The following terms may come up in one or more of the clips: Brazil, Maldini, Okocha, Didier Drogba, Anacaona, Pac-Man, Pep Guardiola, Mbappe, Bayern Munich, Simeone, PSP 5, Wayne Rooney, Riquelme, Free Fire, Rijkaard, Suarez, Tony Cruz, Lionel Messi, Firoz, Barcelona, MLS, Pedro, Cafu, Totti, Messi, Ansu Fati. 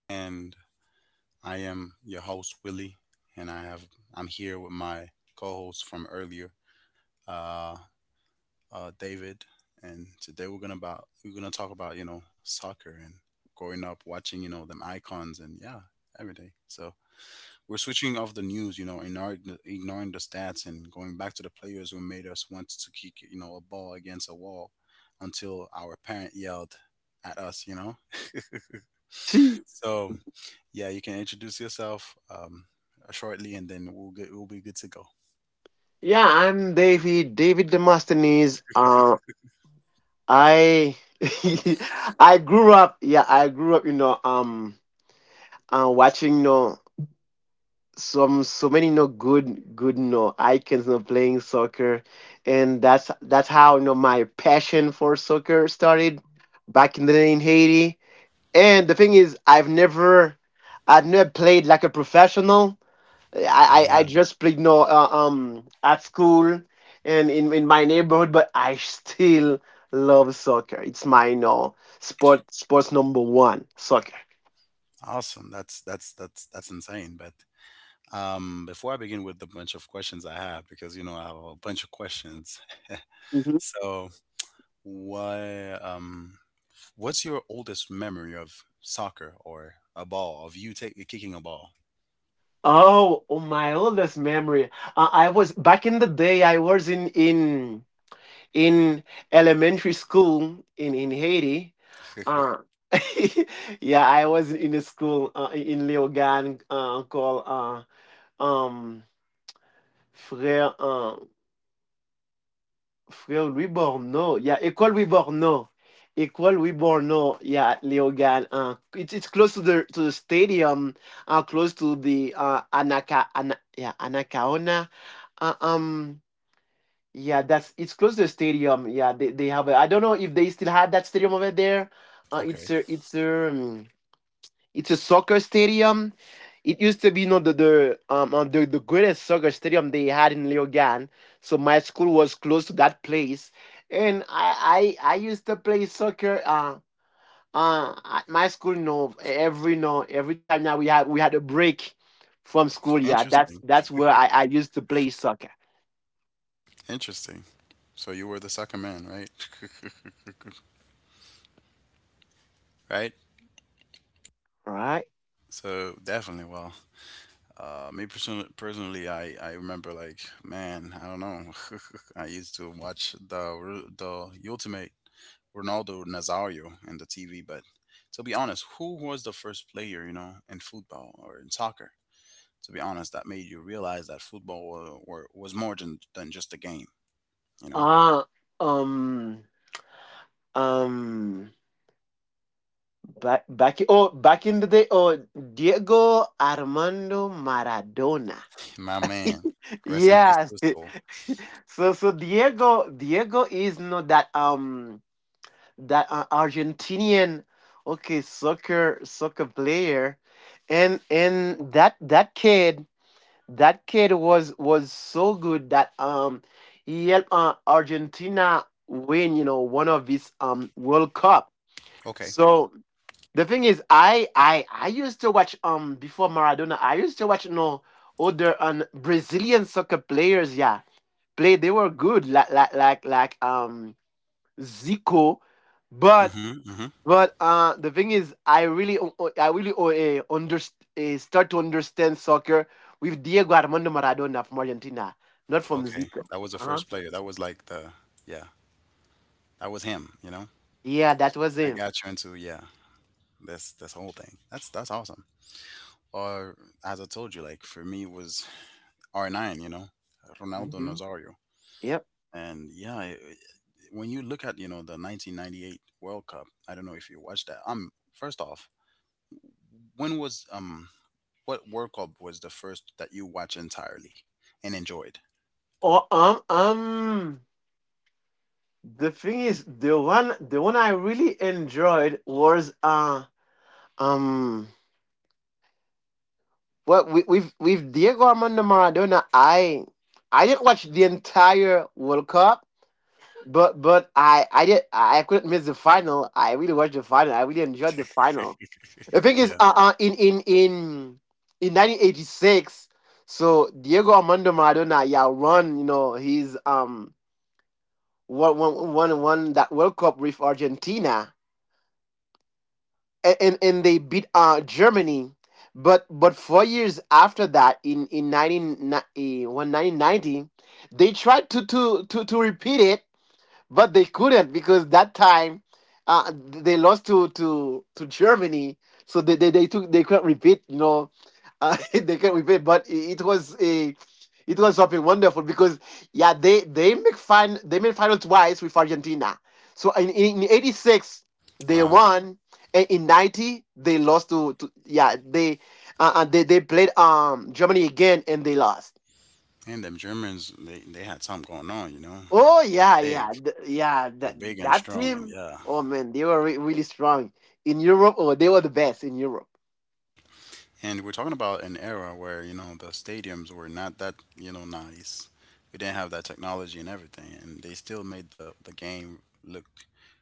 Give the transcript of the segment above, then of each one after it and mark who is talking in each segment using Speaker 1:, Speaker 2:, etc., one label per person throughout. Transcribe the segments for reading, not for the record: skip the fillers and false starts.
Speaker 1: and I am your host Willie, and I'm here with my co-host from earlier, uh, David, and today we're gonna talk about you know soccer and growing up watching you know them icons and yeah every day. So we're switching off the news, you know, ignoring the stats and going back to the players who made us want to kick you know a ball against a wall until our parent yelled at us.
Speaker 2: See,
Speaker 1: So yeah, you can introduce yourself shortly, and then we'll get we'll be good to go.
Speaker 2: yeah, I'm David, David Demosthenes. I I grew up, I grew up, watching, some so many, good icons, playing soccer, and that's how, my passion for soccer started back in the day in Haiti. And the thing is, I've never played like a professional. I
Speaker 1: Yeah,
Speaker 2: just played no at school and in my neighborhood, but I still love soccer. It's my no sport sports number one, soccer.
Speaker 1: awesome. That's insane. But before I begin with the bunch of questions I have, because you know I have a bunch of questions.
Speaker 2: Mhm.
Speaker 1: So why what's your oldest memory of soccer or a ball of you take, kicking a ball?
Speaker 2: Oh, oh, my oldest memory. I was back in the day. I was in elementary school in Haiti. Uh, yeah, I was in a school in Léogane called um Frère Frère Louis Borno. Yeah, École Louis Borno. École Louis Borno. Yeah, Léogane. It's close to the stadium. Close to the yeah, Anacaona. Uh, um, yeah, that's it's close to the stadium. Yeah, they have. I don't know if they still had that stadium over there. It's
Speaker 1: Okay.
Speaker 2: a it's a soccer stadium. It used to be, you know, the greatest soccer stadium they had in Leogan. So my school was close to that place, and I used to play soccer. At my school, no, every time that we had a break from school. Yeah, that's
Speaker 1: Interesting.
Speaker 2: where I used to play soccer.
Speaker 1: Interesting. So you were the second man, right? Right?
Speaker 2: Right.
Speaker 1: So definitely. Well, me personally, I remember like, man, I don't know. I used to watch the ultimate Ronaldo Nazario in the TV, but to be honest, who was the first player, you know, in football or in soccer? To be honest, that made you realize that football was more than just a game, you know?
Speaker 2: Ah, um, um, Back in the day, oh, Diego Armando Maradona.
Speaker 1: My man, rest in peace
Speaker 2: Yes.
Speaker 1: to his soul.
Speaker 2: So Diego, Diego is not that, Argentinian, okay, soccer player. And, that, kid, that kid was so good that, he helped Argentina win, you know, one of his, World Cup.
Speaker 1: Okay.
Speaker 2: So the thing is, I used to watch before Maradona. I used to watch no older Brazilian soccer players. Yeah, play. They were good. Like Zico, but
Speaker 1: Mm-hmm, mm-hmm.
Speaker 2: the thing is, I really I really start to understand soccer with Diego Armando Maradona from Argentina, not from
Speaker 1: Okay,
Speaker 2: Zico.
Speaker 1: that was the
Speaker 2: Uh huh.
Speaker 1: first player. That was like the yeah, that was him. You know,
Speaker 2: Yeah, that was
Speaker 1: that
Speaker 2: him.
Speaker 1: got you into yeah this whole thing. That's awesome. Or as I told you, like for me it was R nine. You know, Ronaldo
Speaker 2: Hmm.
Speaker 1: Nazario.
Speaker 2: Yep.
Speaker 1: And yeah, when you look at you know the 1998 World Cup, I don't know if you watched that. First off, when was what World Cup was the first that you watched entirely and enjoyed?
Speaker 2: Or um. The thing is, the one I really enjoyed was um well we with Diego Armando Maradona. I didn't watch the entire World Cup, but I did. I couldn't miss the final. I really watched the final. I really enjoyed the final. The thing is,
Speaker 1: Yeah.
Speaker 2: in 1986, so Diego Armando Maradona, yeah, won you know his one one one won that World Cup with Argentina, and they beat Germany, but 4 years after that, in 19 1990, they tried to repeat it, but they couldn't because that time they lost to Germany, so they couldn't repeat. You know, they couldn't repeat. But it was a it was something wonderful because yeah they make fun they made final twice with Argentina. So in '86 they
Speaker 1: Wow.
Speaker 2: won, and in '90 they lost to, yeah, they played Germany again and they lost.
Speaker 1: And them Germans, they had something going on. You know,
Speaker 2: Oh
Speaker 1: they're
Speaker 2: yeah,
Speaker 1: big.
Speaker 2: yeah, yeah.
Speaker 1: They're big and
Speaker 2: That
Speaker 1: strong, and
Speaker 2: team.
Speaker 1: yeah.
Speaker 2: Oh man, they were really strong in Europe. Oh, they were the best in Europe.
Speaker 1: And we're talking about an era where, you know, the stadiums were not that, you know, nice. We didn't have that technology and everything, and they still made the game look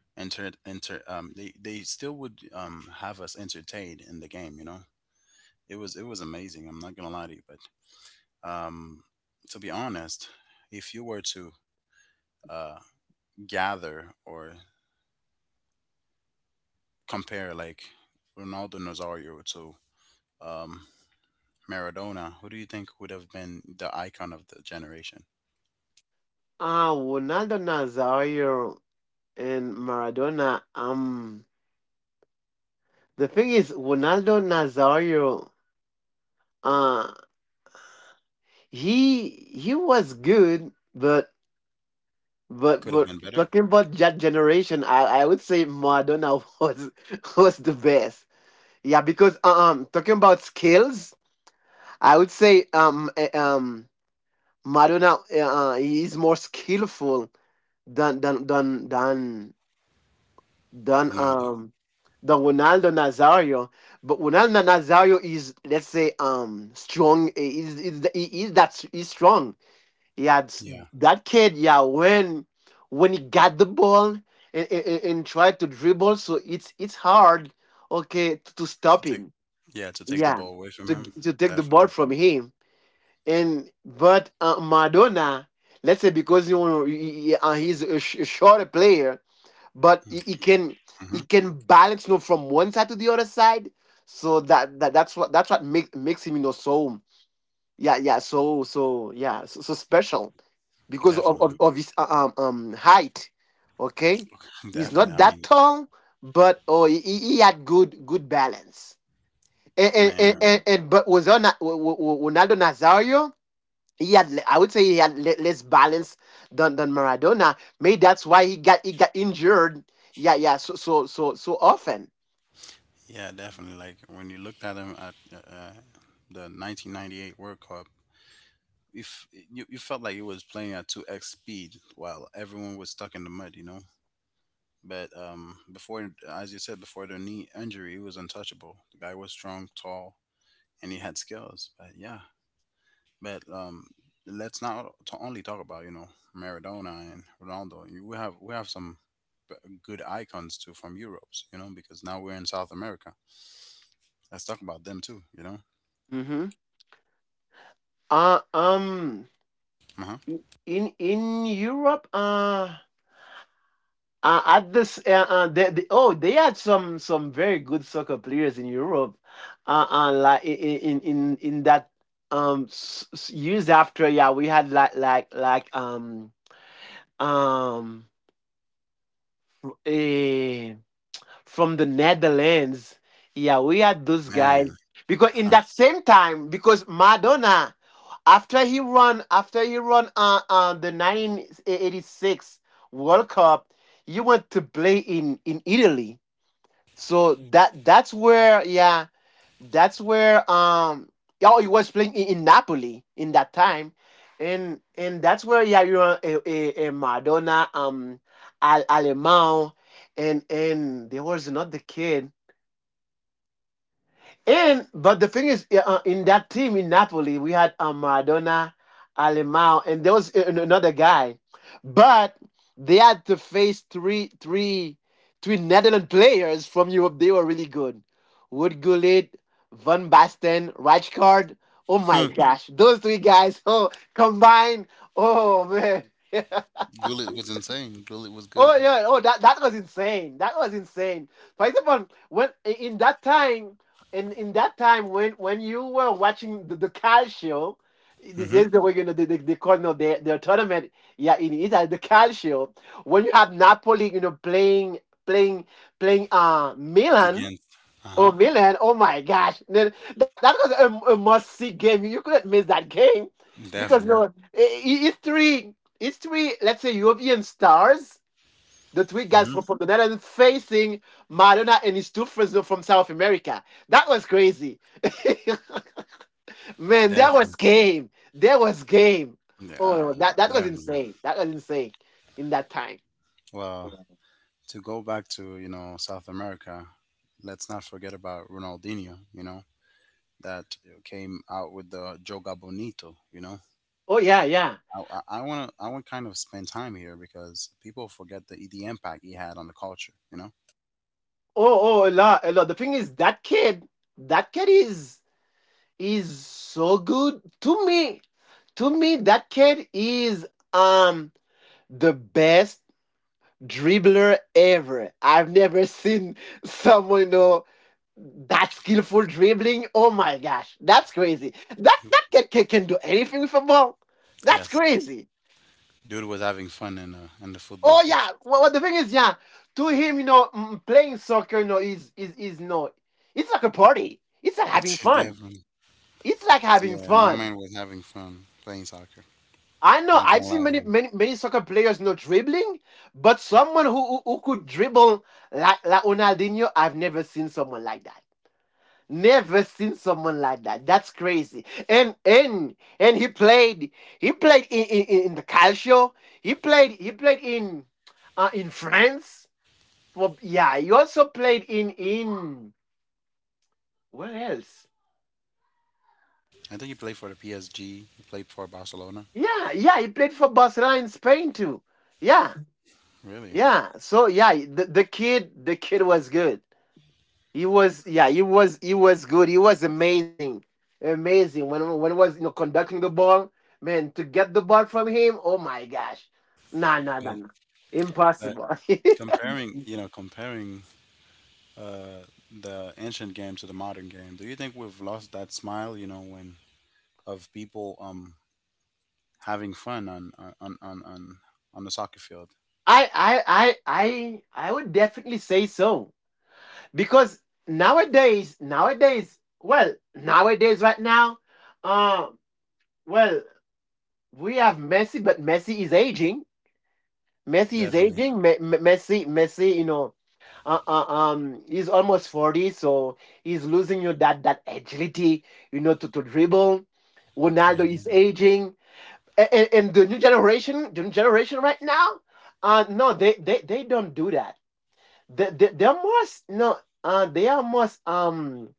Speaker 1: enter enter they still would have us entertained in the game, you know. It was amazing, I'm not gonna lie to you, but um to be honest, if you were to uh gather or compare like Ronaldo Nazario to um Maradona, who do you think would have been the icon of the generation?
Speaker 2: Ah, Ronaldo Nazario and Maradona. The thing is, Ronaldo Nazario. Uh he was good, but
Speaker 1: Could have been better.
Speaker 2: talking about that generation, I would say Maradona was the best. Yeah, because talking about skills, I would say Maradona he is more skillful than than than than than
Speaker 1: Ronaldo.
Speaker 2: um than Ronaldo Nazario. But Ronaldo Nazario is, let's say, strong. Is strong. He had
Speaker 1: Yeah,
Speaker 2: that kid. Yeah, when he got the ball and, and tried to dribble, so it's hard. Okay, to
Speaker 1: to
Speaker 2: stop
Speaker 1: take
Speaker 2: him.
Speaker 1: yeah, to take the
Speaker 2: Yeah,
Speaker 1: ball away from him.
Speaker 2: to take the ball
Speaker 1: Definitely.
Speaker 2: from him. And but Madonna, let's say because you know he, he's a, a shorter player, but he can
Speaker 1: Hmm.
Speaker 2: balance you know from one side to the other side. So that's what makes him you know so so special because
Speaker 1: Definitely.
Speaker 2: of his height. Okay, he's
Speaker 1: Definitely. I
Speaker 2: not
Speaker 1: mean,
Speaker 2: that tall, but oh, he had good balance. And
Speaker 1: man,
Speaker 2: but was on Ronaldo Nazario. He had, I would say, he had less balance than Maradona. Maybe that's why he got injured. Yeah, yeah. So often.
Speaker 1: yeah, definitely. Like when you looked at him at the 1998 World Cup, if you, you felt like he was playing at 2x speed while everyone was stuck in the mud, you know? But before, as you said, before the knee injury, he was untouchable. The guy was strong, tall, and he had skills. But yeah, but let's not to only talk about you know Maradona and Ronaldo. You we have some b- good icons too from Europe. You know because now we're in South America. Let's talk about them too. You know,
Speaker 2: Mhm. Uh, um,
Speaker 1: uh huh.
Speaker 2: in Europe, at this, the, oh, they had some very good soccer players in Europe, like in that years after, yeah, we had like um from the Netherlands. Yeah, we had those
Speaker 1: Man,
Speaker 2: guys because in
Speaker 1: huh.
Speaker 2: that same time, because Madonna, after he run, the 1986 World Cup, he went to play in Italy. So that that's where yeah that's where um oh he was playing in Napoli in that time. And that's where yeah you know a Madonna, um, Al Alemão, and there was another kid. And But the thing is, yeah, in that team in Napoli, we had Maradona, Alemão, and there was another guy, but they had to face three, three Netherlands players from Europe. They were really good. Wood Gullit, Van Basten, Rijkaard. Oh my gosh, those three guys! Oh, combined. Oh man.
Speaker 1: Gullit was insane. Gullit was good.
Speaker 2: Oh yeah, oh that was insane. That was insane. For example, when in that time, when you were watching the Cal show,
Speaker 1: Mm-hmm.
Speaker 2: there's the way you know they call no their tournament. Yeah, in Italy, the Cal show. When you have Napoli, you know, playing playing Milan.
Speaker 1: Against. Uh huh.
Speaker 2: Oh Milan! Oh my gosh. That was a must see game. You couldn't miss that game because
Speaker 1: Definitely.
Speaker 2: no, I- it's three it's three. Let's say European stars, the three guys
Speaker 1: Mm-hmm.
Speaker 2: from the Netherlands facing Maradona and his two friends from South America. That was crazy. Man, that was
Speaker 1: Definitely.
Speaker 2: game. There was game.
Speaker 1: Yeah,
Speaker 2: Oh,
Speaker 1: um,
Speaker 2: that was
Speaker 1: definitely.
Speaker 2: insane. That was insane in that time.
Speaker 1: Well, to go back to you know South America, let's not forget about Ronaldinho. You know that came out with the Joga Bonito. You know
Speaker 2: Oh, yeah, yeah.
Speaker 1: I want kind of spend time here because people forget the impact he had on the culture. You know.
Speaker 2: Oh, oh, a lot, a lot. The thing is, that kid is so good. To me, that kid is um the best dribbler ever. I've never seen someone, you know, that skillful dribbling. Oh my gosh, that's crazy.
Speaker 1: He-
Speaker 2: That kid can do anything with a ball. That's
Speaker 1: Yes,
Speaker 2: crazy.
Speaker 1: dude was having fun in the football
Speaker 2: Oh
Speaker 1: pitch.
Speaker 2: yeah. Well, well, the thing is, yeah, to him, you know, mm, playing soccer, you know, is no, it's like a party. It's like having fun.
Speaker 1: Definitely.
Speaker 2: It's like having
Speaker 1: Yeah, my man
Speaker 2: fun.
Speaker 1: was having fun playing soccer.
Speaker 2: I know
Speaker 1: Not gonna
Speaker 2: I've
Speaker 1: lie
Speaker 2: seen
Speaker 1: to you.
Speaker 2: many soccer players you know dribbling, but someone who who could dribble like Ronaldinho, I've never seen someone like that. Never seen someone like that. That's crazy. And he played in, in the Calcio. He played in France. For yeah, he also played in where else?
Speaker 1: I think he played for the PSG. He played for Barcelona.
Speaker 2: Yeah, yeah, he played for Barcelona in Spain too. Yeah.
Speaker 1: Really.
Speaker 2: Yeah. So yeah, the kid was good. He was, yeah, he was good. He was amazing, amazing. When he was you know conducting the ball, man, to get the ball from him, oh my gosh, nah, nah, nah,
Speaker 1: But
Speaker 2: nah,
Speaker 1: but
Speaker 2: impossible.
Speaker 1: comparing, you know, comparing uh, the ancient game to the modern game, do you think we've lost that smile? You know, when of people having fun on the soccer field.
Speaker 2: I would definitely say so because nowadays, right now, uh, well, we have Messi, but Messi is aging. Messi is
Speaker 1: Definitely.
Speaker 2: aging. Messi, you know, he's almost 40, so he's losing you that agility, you know, to dribble.
Speaker 1: Yeah.
Speaker 2: Ronaldo is aging. And, the new generation, right now, they don't do that. They're most, no, they are most,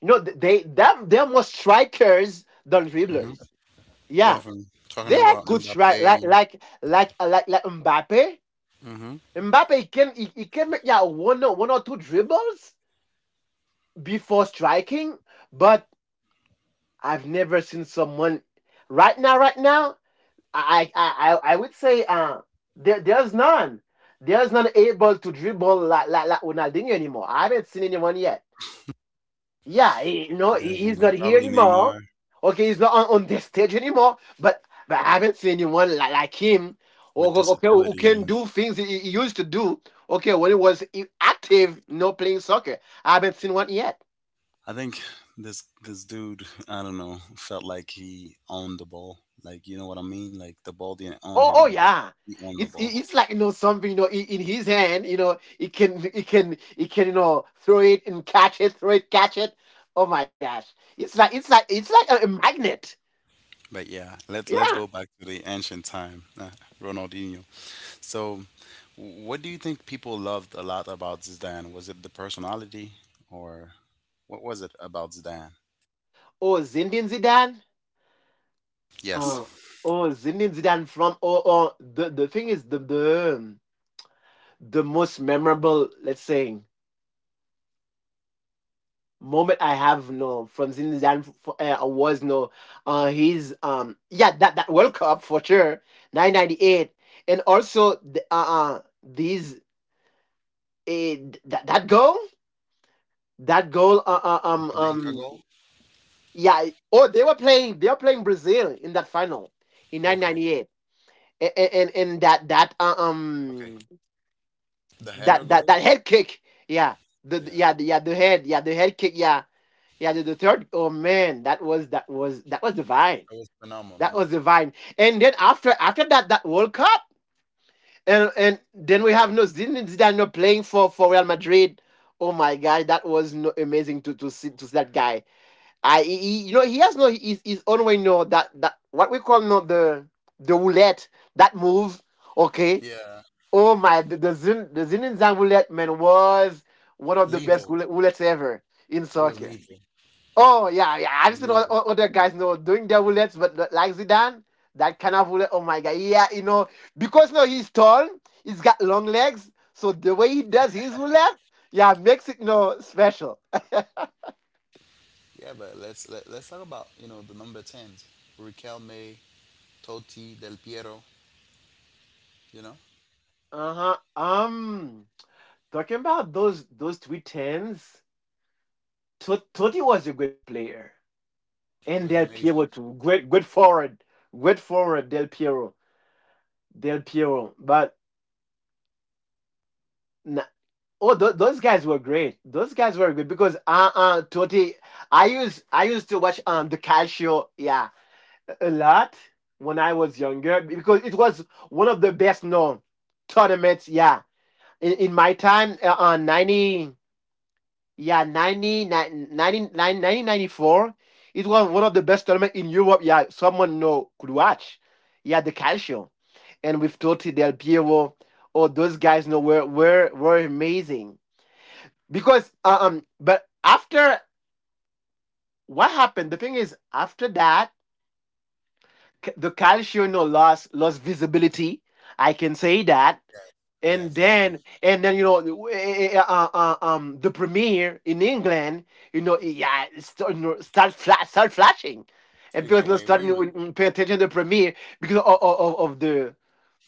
Speaker 2: you know, they're more strikers than
Speaker 1: Hmm.
Speaker 2: dribblers. Yeah.
Speaker 1: Definitely. Talking
Speaker 2: They
Speaker 1: about
Speaker 2: had good strike,
Speaker 1: Mbappe.
Speaker 2: like,
Speaker 1: And,
Speaker 2: like Mbappe.
Speaker 1: hmm.
Speaker 2: Mbappe, he can, he can make, yeah, one or, one or two dribbles before striking, but I've never seen someone right now. Right now, I would say there there's none. There's none able to dribble like like Ronaldinho anymore. I haven't seen anyone yet. Yeah, he's
Speaker 1: Definitely.
Speaker 2: not here
Speaker 1: Probably
Speaker 2: anymore.
Speaker 1: Neymar
Speaker 2: Okay, he's not on this stage anymore. But I haven't seen anyone like him.
Speaker 1: with this
Speaker 2: Okay, who
Speaker 1: agility
Speaker 2: can
Speaker 1: and.
Speaker 2: do things he used to do. Okay, when he was active, playing soccer. I haven't seen one yet.
Speaker 1: I think this this dude, I don't know, felt like he owned the ball. Like you know what I mean? Like the ball didn't own
Speaker 2: Oh,
Speaker 1: him, but
Speaker 2: yeah.
Speaker 1: he owned the
Speaker 2: It's
Speaker 1: ball.
Speaker 2: it- it's like something in his hand. You know it can throw it and catch it, throw it, catch it. Oh my gosh! It's like a magnet.
Speaker 1: But yeah, let's go
Speaker 2: Yeah.
Speaker 1: back to the ancient time, Ronaldinho. So, what do you think people loved a lot about Zidane? Was it the personality, or what was it about Zidane?
Speaker 2: Oh, Zinedine Zidane.
Speaker 1: Yes.
Speaker 2: Uh, oh, Zinedine Zidane from the thing is the most memorable. Let's say moment I have no from Zinedine for, was no his yeah that World Cup for sure 998 and also the, these that goal that goal uh, uh,
Speaker 1: The
Speaker 2: um
Speaker 1: Penenka goal.
Speaker 2: um yeah oh they were playing Brazil in that final in
Speaker 1: Okay.
Speaker 2: 998 and and, and that that uh,
Speaker 1: Okay.
Speaker 2: um
Speaker 1: The
Speaker 2: that
Speaker 1: header
Speaker 2: that that
Speaker 1: goal.
Speaker 2: head kick yeah the-
Speaker 1: Yeah,
Speaker 2: yeah the, yeah the head kick yeah yeah, the third. Oh man, that was divine.
Speaker 1: that was
Speaker 2: That
Speaker 1: phenomenal.
Speaker 2: was divine. And then after that World Cup, and then we have no Zinedine Zidane no playing for Real Madrid. Oh my God, that was no, amazing to see that guy. You know he has no his own way. No that what we call no the roulette, that move. Okay.
Speaker 1: Yeah,
Speaker 2: Oh my, the Zinedine Zidane roulette, man, was one of the best
Speaker 1: lethal.
Speaker 2: roulettes ever in
Speaker 1: It was
Speaker 2: soccer.
Speaker 1: lethal.
Speaker 2: Oh yeah, yeah.
Speaker 1: It
Speaker 2: I've
Speaker 1: was
Speaker 2: seen o-
Speaker 1: lethal.
Speaker 2: o- other guys, doing their bullets, but like Zidane, that kind of bullet. Oh my god, yeah, you know, because he's tall, he's got long legs, so the way he does his bullet, yeah, makes it special.
Speaker 1: Yeah, but let's talk about you know the number tens: Riquelme, Totti, Del Piero. You know,
Speaker 2: Uh huh. Talking about those three tens, Totti was a good player, and
Speaker 1: it
Speaker 2: Del
Speaker 1: was
Speaker 2: Piero
Speaker 1: amazing.
Speaker 2: too. Great, good forward, good forward. Del Piero, Del Piero, but, nah. Oh, those guys were great. Those guys were good because Totti. I used to watch the Calcio, yeah, a lot when I was younger because it was one of the best known tournaments, yeah. In my time, 90, yeah, 90, 1994. It was one of the best tournament in Europe. Yeah, someone know could watch. Yeah, the Calcio, and with Totti, Del Piero, oh, those guys know were amazing because but after what happened, the thing is, after that, the calcium no lost visibility, I can say that.
Speaker 1: Yes. Yes,
Speaker 2: and
Speaker 1: definitely.
Speaker 2: then and then you know w- eh, eh, eh, the premiere in England, yeah, start flashing,
Speaker 1: You
Speaker 2: and people
Speaker 1: got
Speaker 2: you
Speaker 1: Wayne
Speaker 2: starting
Speaker 1: Rooney.
Speaker 2: to pay attention to the premiere because of the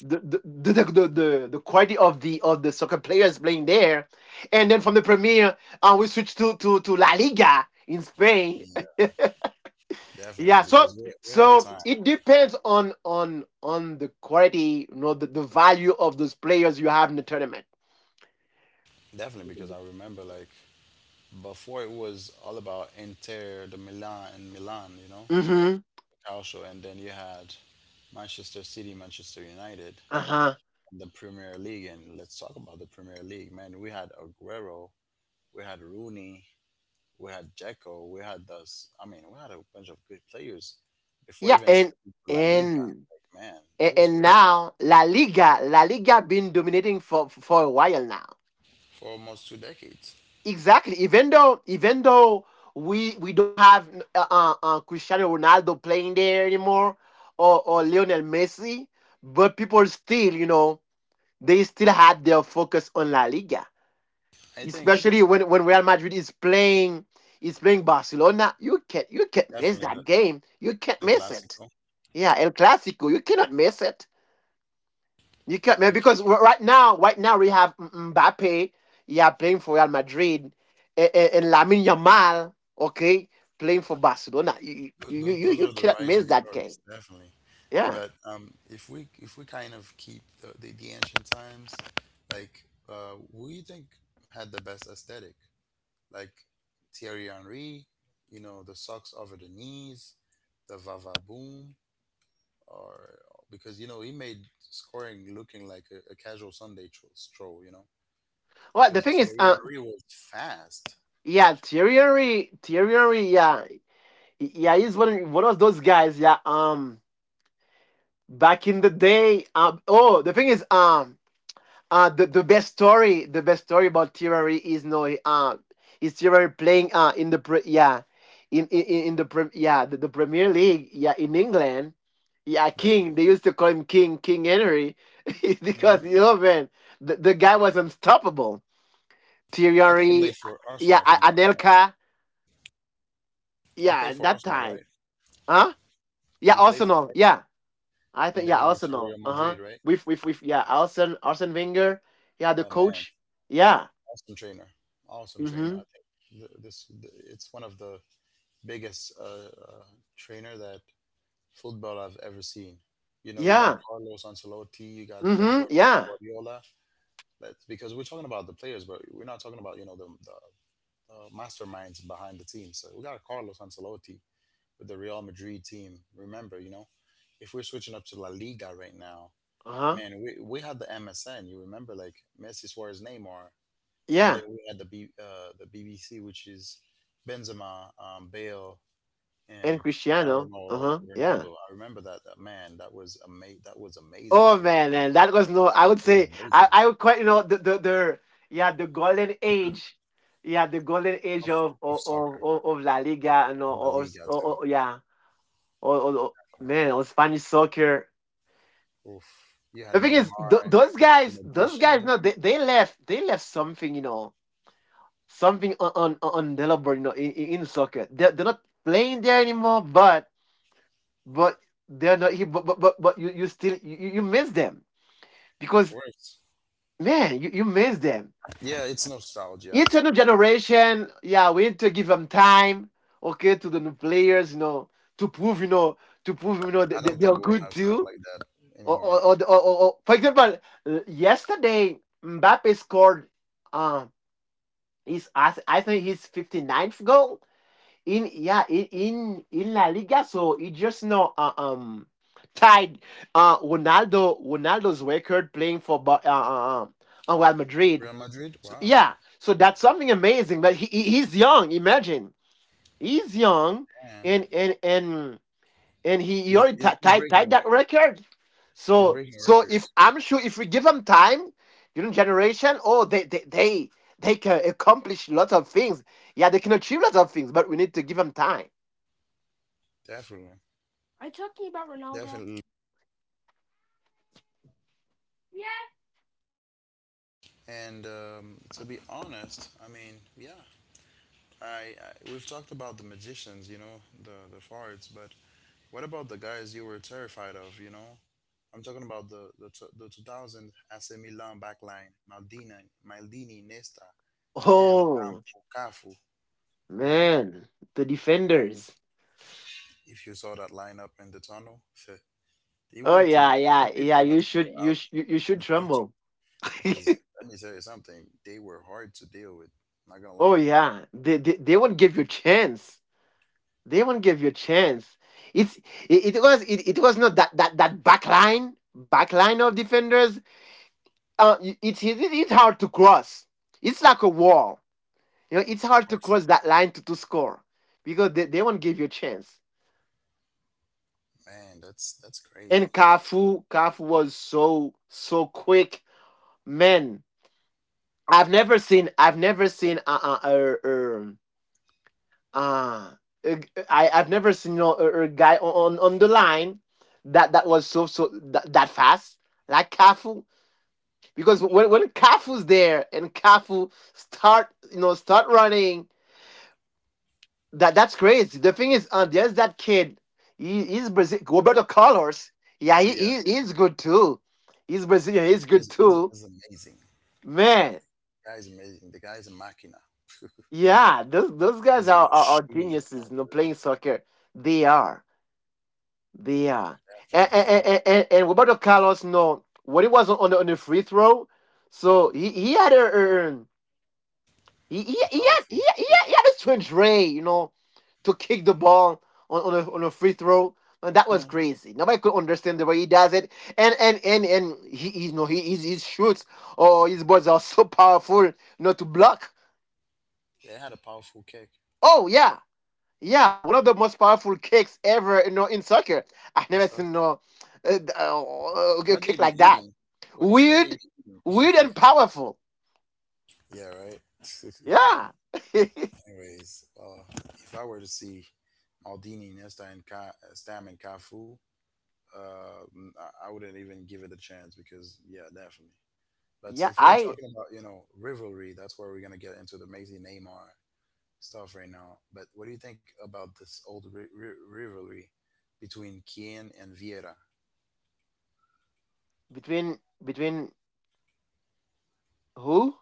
Speaker 2: the the, the the the the quality of the soccer players playing there, and then from the Premier, we switch to La Liga in Spain.
Speaker 1: Yeah,
Speaker 2: Yeah,
Speaker 1: definitely,
Speaker 2: so
Speaker 1: because we had a time.
Speaker 2: it
Speaker 1: Huh?
Speaker 2: depends on the quality, the value of those players you have in the tournament.
Speaker 1: Definitely, because I remember like before it was all about Inter, the Milan and Milan, you know,
Speaker 2: Mm-hmm.
Speaker 1: also, and then you had Manchester City, Manchester United,
Speaker 2: Uh huh.
Speaker 1: and the Premier League. And let's talk about the Premier League, man. We had Aguero, we had Rooney, we had Dzeko, we had those. I mean, we had a bunch of good players before
Speaker 2: Yeah,
Speaker 1: even stepping to La Liga.
Speaker 2: and
Speaker 1: Like, man,
Speaker 2: and
Speaker 1: it was
Speaker 2: and
Speaker 1: crazy
Speaker 2: now La Liga, been dominating for a while now.
Speaker 1: for almost two decades.
Speaker 2: Exactly. Even though we don't have Cristiano Ronaldo playing there anymore, or Lionel Messi, but people still, they still had their focus on La Liga.
Speaker 1: I think
Speaker 2: Especially when Real Madrid is playing Barcelona, you can't miss
Speaker 1: definitely
Speaker 2: that game. You
Speaker 1: the
Speaker 2: can't miss it.
Speaker 1: Clasico.
Speaker 2: Yeah, El Clasico, you cannot miss it. You can't,
Speaker 1: No, you
Speaker 2: man,
Speaker 1: can't.
Speaker 2: because right now, right now, we have Mbappe, yeah, playing for Real Madrid, and Lamine Yamal, okay, playing for Barcelona. You you you,
Speaker 1: Those
Speaker 2: you
Speaker 1: are the
Speaker 2: cannot miss
Speaker 1: rising
Speaker 2: that game.
Speaker 1: stars, definitely.
Speaker 2: Yeah.
Speaker 1: But if we kind of keep the ancient times, like who do you think had the best aesthetic? Like Thierry Henry, you know, the socks over the knees, the Vava Boom, or because you know he made scoring looking like a casual Sunday stroll, you know,
Speaker 2: Well, the
Speaker 1: because
Speaker 2: thing is,
Speaker 1: Thierry Henry was fast,
Speaker 2: yeah, Thierry Henry, yeah, yeah, he's one of those guys. Yeah, back in the day, oh, the thing is, the best story about Tirari is no, is Tirari playing in in the Premier League, yeah, in England, yeah,
Speaker 1: definitely.
Speaker 2: King, they used to call him King Henry.
Speaker 1: Hmm.
Speaker 2: Because man, the guy was unstoppable.
Speaker 1: I think he played
Speaker 2: Tirari,
Speaker 1: for Arsenal.
Speaker 2: yeah,
Speaker 1: If I'm not
Speaker 2: A-
Speaker 1: wrong.
Speaker 2: Anelka
Speaker 1: He
Speaker 2: yeah,
Speaker 1: played
Speaker 2: at
Speaker 1: for
Speaker 2: that
Speaker 1: Arsenal,
Speaker 2: time.
Speaker 1: right?
Speaker 2: Huh, yeah,
Speaker 1: He played for.
Speaker 2: Arsenal, yeah. I
Speaker 1: And
Speaker 2: think,
Speaker 1: then
Speaker 2: yeah,
Speaker 1: he went to
Speaker 2: Arsenal,
Speaker 1: Real
Speaker 2: uh huh,
Speaker 1: Madrid, right?
Speaker 2: with yeah, Arsene Wenger, yeah, the
Speaker 1: Oh man,
Speaker 2: coach, yeah.
Speaker 1: awesome trainer, awesome trainer.
Speaker 2: Mm-hmm.
Speaker 1: I think it's one of the biggest trainer that football I've ever seen. You know, you got
Speaker 2: Yeah.
Speaker 1: Carlos Ancelotti, you got Pep
Speaker 2: Mhm.
Speaker 1: Guardi-
Speaker 2: Yeah.
Speaker 1: Guardiola. That's because we're talking about the players, but we're not talking about you know the masterminds behind the team. So we got Carlos Ancelotti with the Real Madrid team. Remember, you know, if we're switching up to La Liga right now,
Speaker 2: Uh-huh.
Speaker 1: man, we had the MSN. You remember, like Messi, Suarez, Neymar, and
Speaker 2: Yeah.
Speaker 1: then we had the B, the BBC, which is Benzema, Bale,
Speaker 2: And
Speaker 1: and Cristiano
Speaker 2: Cristiano.
Speaker 1: Ronaldo.
Speaker 2: Uh-huh. Yeah.
Speaker 1: Ronaldo. I remember that. That man. That was amazing.
Speaker 2: Oh
Speaker 1: So
Speaker 2: man, man, that was no I would
Speaker 1: it was
Speaker 2: say I,
Speaker 1: amazing.
Speaker 2: I would quite the yeah, the golden age. Yeah, the golden age
Speaker 1: Of
Speaker 2: of
Speaker 1: of
Speaker 2: of of,
Speaker 1: soccer,
Speaker 2: of of La Liga and
Speaker 1: of La
Speaker 2: or, or,
Speaker 1: Liga
Speaker 2: or,
Speaker 1: too.
Speaker 2: or yeah. Or, or, or- man, or Spanish soccer.
Speaker 1: Oof. You had
Speaker 2: The thing is th-
Speaker 1: Neymar,
Speaker 2: those
Speaker 1: the
Speaker 2: guys those guys
Speaker 1: magician.
Speaker 2: no they left something, you know, something on the deliberate, in soccer. They're not playing there anymore, but but they're not he but you miss them
Speaker 1: Of
Speaker 2: because
Speaker 1: course.
Speaker 2: man you miss them.
Speaker 1: Yeah, it's nostalgia.
Speaker 2: It's a new generation, yeah, we need to give them time, okay, to the new players, you know, to prove, you know, to prove
Speaker 1: I
Speaker 2: that
Speaker 1: don't
Speaker 2: they're
Speaker 1: think we'll
Speaker 2: good
Speaker 1: have something
Speaker 2: too.
Speaker 1: like that
Speaker 2: or
Speaker 1: anymore.
Speaker 2: or, or, or, or or- for example, yesterday Mbappe scored um his I think his 59th goal in yeah in La Liga, so it's just now tied. Ronaldo's record, playing for Real
Speaker 1: Real
Speaker 2: Madrid.
Speaker 1: Madrid. Wow,
Speaker 2: Yeah, so that's something amazing. But he's young. Imagine, he's young,
Speaker 1: man,
Speaker 2: and and and and he already ti-
Speaker 1: he's
Speaker 2: tied
Speaker 1: breaking.
Speaker 2: tied that record.
Speaker 1: He's
Speaker 2: So
Speaker 1: breaking records.
Speaker 2: if I'm sure if we give him time, you know, generation, oh they. They can accomplish lots of things. Yeah, they can achieve lots of things, but we need to give them time.
Speaker 1: Definitely. Definitely. And to be honest, I mean, yeah, I we've talked about the magicians, you know, the farts, but what about the guys you were terrified of? You know, I'm talking about the 2000 AC Milan backline, Maldini, Maldini, Nesta, Stam,
Speaker 2: Oh
Speaker 1: Campo, Cafu. You know,
Speaker 2: man, the defenders.
Speaker 1: if you saw that lineup in the tunnel, you
Speaker 2: Oh
Speaker 1: want to go.
Speaker 2: yeah,
Speaker 1: You
Speaker 2: yeah,
Speaker 1: didn't
Speaker 2: yeah.
Speaker 1: even want
Speaker 2: You
Speaker 1: to go
Speaker 2: should, you
Speaker 1: out
Speaker 2: sh- you
Speaker 1: on
Speaker 2: should
Speaker 1: the pitch.
Speaker 2: tremble.
Speaker 1: Because let me tell you something, they were hard to deal with. I'm not gonna lie
Speaker 2: Oh
Speaker 1: to you.
Speaker 2: yeah, they won't give you chance. They won't give you chance. It's it, it was not that back line of defenders. It's hard to cross. It's like a wall. You know, it's hard to
Speaker 1: Works,
Speaker 2: cross that line to score because they won't give you a chance.
Speaker 1: man, that's
Speaker 2: And
Speaker 1: crazy.
Speaker 2: Kafu was so, so quick, man. I've never seen. Uh. I've never seen no a guy on the line that was so, so that fast like Cafu, because when Cafu's there, and Cafu start, running, that's crazy. The thing is, there's that kid. He's Brazil. Roberto Carlos. Yeah,
Speaker 1: Oh
Speaker 2: he,
Speaker 1: yeah,
Speaker 2: he he's good too. He's Brazilian. He's good too.
Speaker 1: he's amazing.
Speaker 2: Man,
Speaker 1: Guy's amazing. The guy's a machina.
Speaker 2: yeah, those guys
Speaker 1: Guy's a
Speaker 2: are, are
Speaker 1: machine. Of
Speaker 2: geniuses. You know, playing soccer, they are, they are. And
Speaker 1: happiness.
Speaker 2: and,
Speaker 1: So
Speaker 2: and, and and Roberto Carlos, no, when he was on the free throw, so he had a
Speaker 1: a
Speaker 2: he had he, he
Speaker 1: powerful kick.
Speaker 2: had he had a strange ray, you know, to kick the ball on a free throw. And that was
Speaker 1: Hmm.
Speaker 2: crazy. Nobody could understand the way he does it. And he you know he his shoots or his balls are so powerful, to block.
Speaker 1: They had a powerful kick.
Speaker 2: Oh yeah, yeah, one of the most powerful kicks ever, in soccer. I
Speaker 1: And
Speaker 2: never
Speaker 1: so
Speaker 2: seen no a
Speaker 1: what
Speaker 2: kick
Speaker 1: they be
Speaker 2: like that.
Speaker 1: eating? What do you think they
Speaker 2: Weird,
Speaker 1: be eating?
Speaker 2: weird and powerful.
Speaker 1: Yeah, right.
Speaker 2: Yeah,
Speaker 1: Anyways, if I were to see Maldini, Nesta, and Ka, Stam and Cafu, uh, I wouldn't even give it a chance because yeah, definitely. But
Speaker 2: yeah.
Speaker 1: if we were
Speaker 2: I
Speaker 1: talking about you know rivalry, that's where we're gonna get into the Messi Neymar stuff right now. But what do you think about this old rivalry between Kien and Vieira?
Speaker 2: Between who?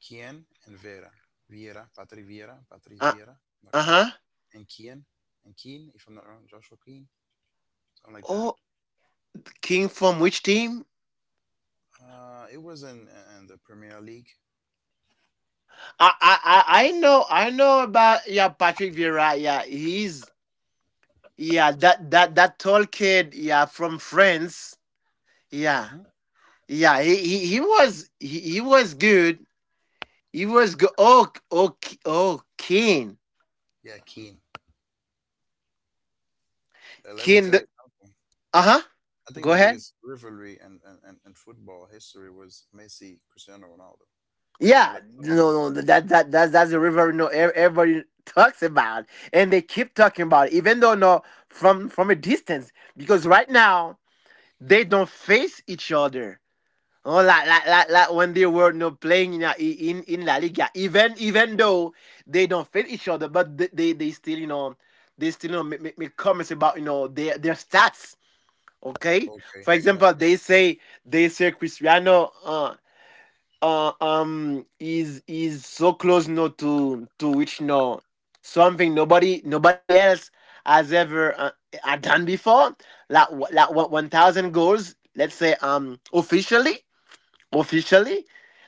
Speaker 1: Kien and Vera, Vieira, Patri Vieira, Patrice
Speaker 2: Uh
Speaker 1: Vieira, if I'm not
Speaker 2: uh
Speaker 1: wrong,
Speaker 2: huh.
Speaker 1: and Kien and Keen, if I'm not wrong, Joshua Keen, something like that.
Speaker 2: Oh, King from which team?
Speaker 1: It was in the Premier League.
Speaker 2: I know about, yeah, Patrick Vieira. Yeah, he's, yeah, that tall kid. Yeah, from France. Yeah.
Speaker 1: Hmm.
Speaker 2: Yeah, he was good. You was go oh oh oh Keen.
Speaker 1: Yeah, Keen. Let me
Speaker 2: Keen.
Speaker 1: tell you something.
Speaker 2: Uh-huh.
Speaker 1: I think
Speaker 2: Go
Speaker 1: the
Speaker 2: ahead.
Speaker 1: biggest rivalry in football history was Messi, Cristiano Ronaldo. And
Speaker 2: Yeah.
Speaker 1: let's talk
Speaker 2: No,
Speaker 1: about that.
Speaker 2: no. That's the river. No, everybody talks about, and they keep talking about it, even though no from a distance, because right now they don't face each other. Oh, like when they were no playing in La Liga, even though they don't face each other, but they still, you know, make comments about their stats. Okay. For
Speaker 1: Okay,
Speaker 2: example,
Speaker 1: got
Speaker 2: they say Cristiano is so close to which no something nobody else has ever done before, like 1,000 goals, let's say, officially.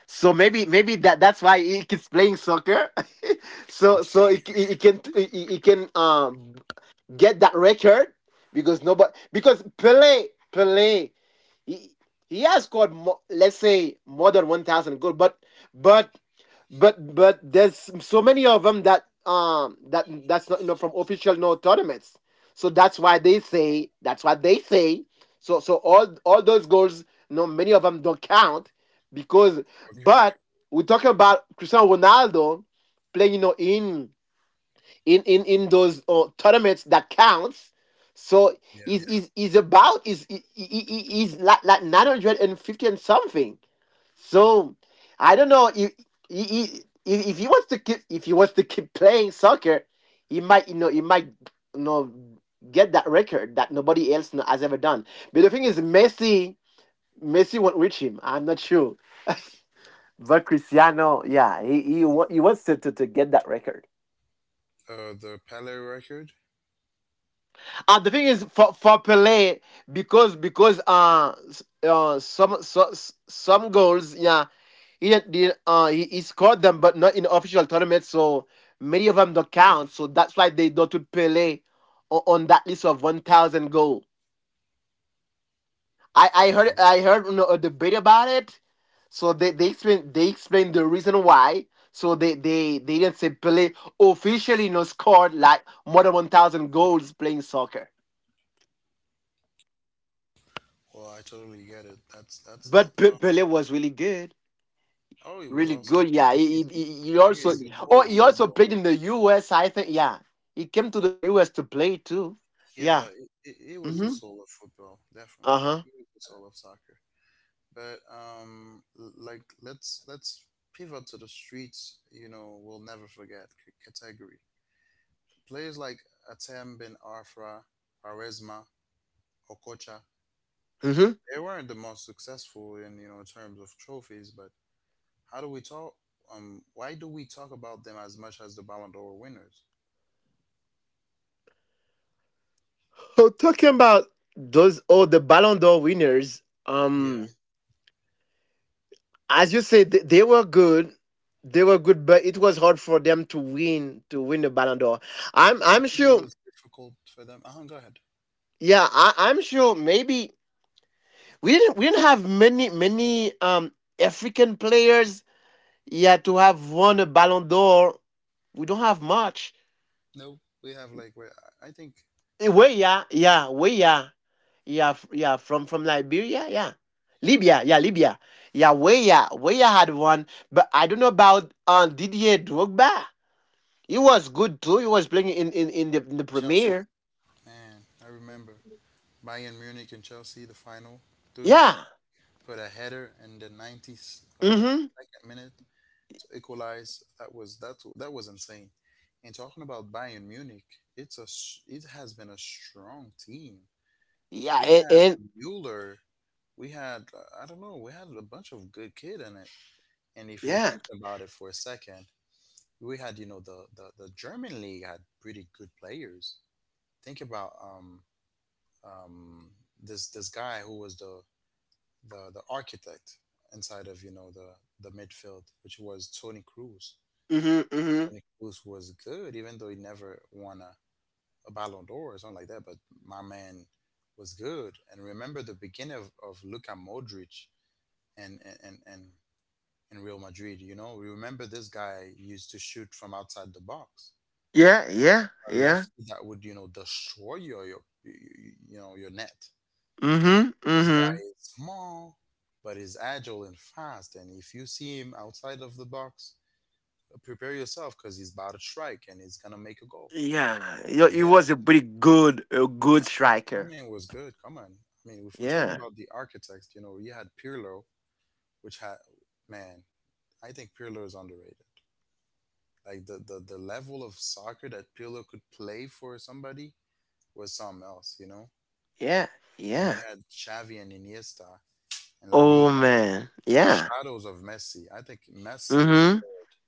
Speaker 2: So maybe that's why he keeps playing soccer. So he can get that record, because nobody because Pele he, he has scored, let's say, more than 1,000 goals, but but there's so many of them that that's not, you know, from official no tournaments. So that's why they say, that's what they say. So all those goals, you know, many of them don't count because.
Speaker 1: okay.
Speaker 2: But we're talking about Cristiano Ronaldo playing, you know, in in those tournaments that counts. So
Speaker 1: Yeah.
Speaker 2: he's about is he, he's like, 950 and something. So I don't know if he wants to keep if he wants to keep playing soccer. He might, you know, he might, you know, get that record that nobody else has ever done. But the thing is, Messi won't reach him. I'm not sure, but Cristiano, yeah, he wants to, to get that record.
Speaker 1: The Pele record.
Speaker 2: The thing is, for Pele, because some, some goals, yeah, he didn't he scored them, but not in official tournaments, so many of them don't count. So that's why they don't put Pele on that list of 1,000 goal. I I
Speaker 1: Okay,
Speaker 2: heard I heard you know, a debate about it. So they explained the reason why. So they didn't say Pele officially no scored like more than 1,000 goals playing soccer.
Speaker 1: got well, I totally get it. That's that.
Speaker 2: But
Speaker 1: Well,
Speaker 2: Pele was really good,
Speaker 1: oh, it was
Speaker 2: really
Speaker 1: awesome.
Speaker 2: good.
Speaker 1: It
Speaker 2: Yeah,
Speaker 1: was- I think it's the soul of
Speaker 2: he also
Speaker 1: football.
Speaker 2: played in the U.S., I think. Yeah, he came to the U.S. to play too. Yeah.
Speaker 1: Yeah, it was the
Speaker 2: Mm-hmm.
Speaker 1: soul of football, definitely.
Speaker 2: Uh huh.
Speaker 1: It was the soul of soccer. But like let's pivot to the streets. You know, we'll never forget category. Players like Atem Ben Arfa, Quaresma, Okocha,
Speaker 2: Mm-hmm.
Speaker 1: they weren't the most successful in terms of trophies, but how do we talk? Why do we talk about them as much as the Ballon d'Or winners?
Speaker 2: So, talking about those all the Ballon d'Or winners,
Speaker 1: Yeah,
Speaker 2: as you said, they were good. They were good, but it was hard for them to win the Ballon d'Or. I'm
Speaker 1: I
Speaker 2: I'm
Speaker 1: think it
Speaker 2: sure.
Speaker 1: was difficult for them. Go ahead.
Speaker 2: Yeah, I'm sure. Maybe we didn't have many African players. Yeah, to have won a Ballon d'Or, we don't have much.
Speaker 1: No, we have like where I think.
Speaker 2: Where, yeah, yeah, where, yeah, yeah, yeah, from Liberia, yeah, Libya, yeah, Libya, yeah, where, yeah, where yeah had one, but I don't know about Didier Drogba. He was good too. He was playing in in the
Speaker 1: Chelsea.
Speaker 2: Premier.
Speaker 1: Man, I remember Bayern Munich and Chelsea the final. Dude
Speaker 2: Yeah.
Speaker 1: put a header in the 90s,
Speaker 2: Mm-hmm.
Speaker 1: second minute to equalize. That was insane. And talking about Bayern Munich, it has been a strong team.
Speaker 2: Yeah,
Speaker 1: We
Speaker 2: and,
Speaker 1: had
Speaker 2: and
Speaker 1: Mueller, we had, I don't know, we had a bunch of good kid in it. And if you
Speaker 2: yeah.
Speaker 1: think about it for a second, we had the German league had pretty good players. Think about um this guy who was the architect inside of the midfield, which was Tony Cruz.
Speaker 2: Mm-hmm. Mm-hmm.
Speaker 1: Tony Cruz was good, even though he never won a Ballon d'Or or something like that. But my man was good. And remember the beginning of Luka Modric and and, and, and and Real Madrid. You know, remember this guy used to shoot from outside the box,
Speaker 2: Yeah. Yeah.
Speaker 1: a
Speaker 2: Yeah.
Speaker 1: lefty that would destroy your you, you know your net.
Speaker 2: Mm-hmm.
Speaker 1: This guy
Speaker 2: Mm-hmm.
Speaker 1: is small, but he's agile and fast. And if you see him outside of the box, prepare yourself because he's about to strike and he's gonna make a goal.
Speaker 2: Yeah. He,
Speaker 1: So
Speaker 2: he was
Speaker 1: yeah,
Speaker 2: a pretty good, a good
Speaker 1: my
Speaker 2: striker.
Speaker 1: man was good. Come on. I mean, if we're talking
Speaker 2: Yeah.
Speaker 1: about the architects, you know, you had Pirlo, which had, man, I think Pirlo is underrated. Like the level of soccer that Pirlo could play for somebody was something else, you know?
Speaker 2: Yeah,
Speaker 1: Then you
Speaker 2: yeah.
Speaker 1: had Xavi and Iniesta and La
Speaker 2: Oh
Speaker 1: Liga.
Speaker 2: man,
Speaker 1: The
Speaker 2: yeah.
Speaker 1: shadows of Messi. I think Messi is
Speaker 2: Mm-hmm.
Speaker 1: good,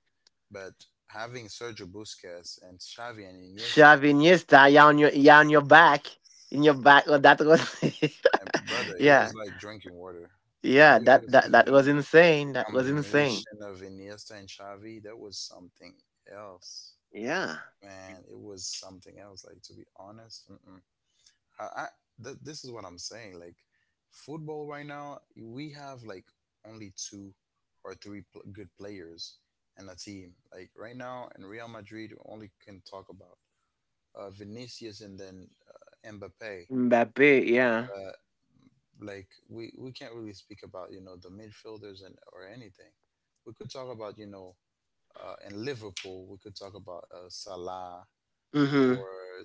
Speaker 1: but having Sergio Busquets and Xavi and Iniesta,
Speaker 2: Shoving your style, you on your back, in your back. Oh, that was,
Speaker 1: and brother, it
Speaker 2: yeah,
Speaker 1: was like drinking water.
Speaker 2: yeah.
Speaker 1: Have you
Speaker 2: That
Speaker 1: ever
Speaker 2: that
Speaker 1: seen
Speaker 2: that was insane. That was insane.
Speaker 1: combination of Iniesta and Xavi, that was something else,
Speaker 2: Yeah,
Speaker 1: man. It was something else. Like to be honest, mm-mm. I, I this is what I'm saying. Like football right now, we have like only two or three good players and a team. Like right now, in Real Madrid, we only can talk about Vinicius and then Mbappe.
Speaker 2: Mbappe. Yeah.
Speaker 1: Uh, like we can't really speak about the midfielders and or anything. We could talk about in Liverpool, we could talk about Salah or
Speaker 2: Mm-hmm.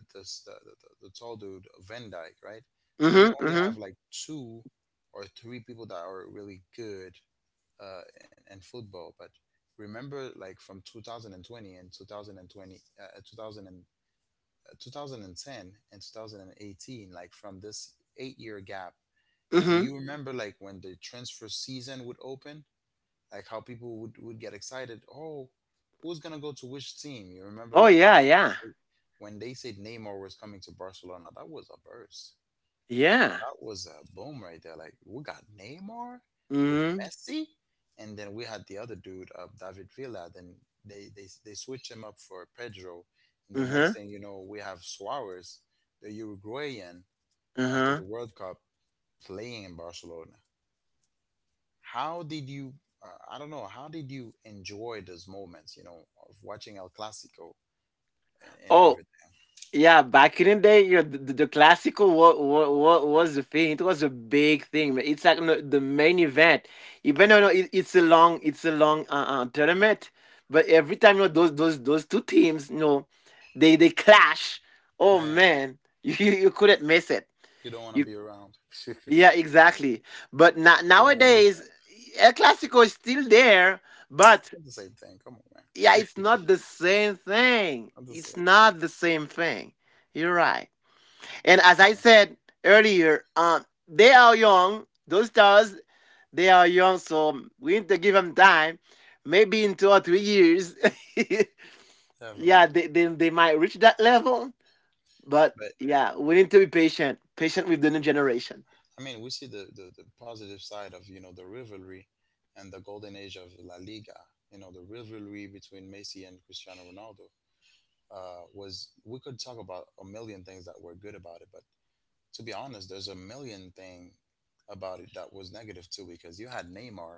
Speaker 1: the tall dude, Van Dyke, right? So we
Speaker 2: Mm-hmm.
Speaker 1: only have
Speaker 2: Mm-hmm.
Speaker 1: like two or three people that are really good, in football. But remember, like from 2020 and 2020, 2000 and, 2010 and 2018, like from this 8-year gap, do
Speaker 2: Mm-hmm.
Speaker 1: you remember like when the transfer season would open? Like how people would get excited. Oh, who's gonna go to which team? You remember
Speaker 2: Oh
Speaker 1: like when
Speaker 2: yeah, yeah,
Speaker 1: they said Neymar was coming to Barcelona, that was a burst.
Speaker 2: yeah.
Speaker 1: That was a boom right there. Like we got Neymar with
Speaker 2: Mm-hmm.
Speaker 1: Messi, and then we had the other dude, David Villa. Then they switched him up for Pedro, and the next
Speaker 2: Mm-hmm.
Speaker 1: thing you know, we have Suarez, the Uruguayan, after the
Speaker 2: Mm-hmm.
Speaker 1: World Cup, playing in Barcelona. How did you? I don't know. How did you enjoy those moments? You know, of watching El Clasico and
Speaker 2: Oh,
Speaker 1: everything.
Speaker 2: yeah, back in the day, you know, the classical what was the thing. It was a big thing, man. It's like, you know, the main event. Even though, you know, it's a long, it's a long tournament, but every time, you know, those two teams, you know, they clash. Oh
Speaker 1: Man,
Speaker 2: man, you couldn't miss it.
Speaker 1: you don't want to
Speaker 2: You
Speaker 1: be around. You
Speaker 2: Yeah, exactly. But
Speaker 1: don't want to miss
Speaker 2: nowadays, El Clasico is still there,
Speaker 1: that.
Speaker 2: but
Speaker 1: Not the same thing. Come on, man.
Speaker 2: yeah, it's not the same thing.
Speaker 1: Not the same
Speaker 2: It's
Speaker 1: thing.
Speaker 2: not the same thing. You're right. And as I
Speaker 1: Yeah,
Speaker 2: said earlier, they are young. Those stars, they are young, so we need to give them time. Maybe in 2 or 3 years,
Speaker 1: definitely.
Speaker 2: yeah, they might reach that level. But
Speaker 1: But
Speaker 2: yeah, we need to be patient, patient with the new generation.
Speaker 1: I mean, we see the positive side of the rivalry and the golden age of La Liga. You know, the rivalry between Messi and Cristiano Ronaldo was. We could talk about a million things that were good about it, but to be honest, there's a million thing about it that was negative too because you had Neymar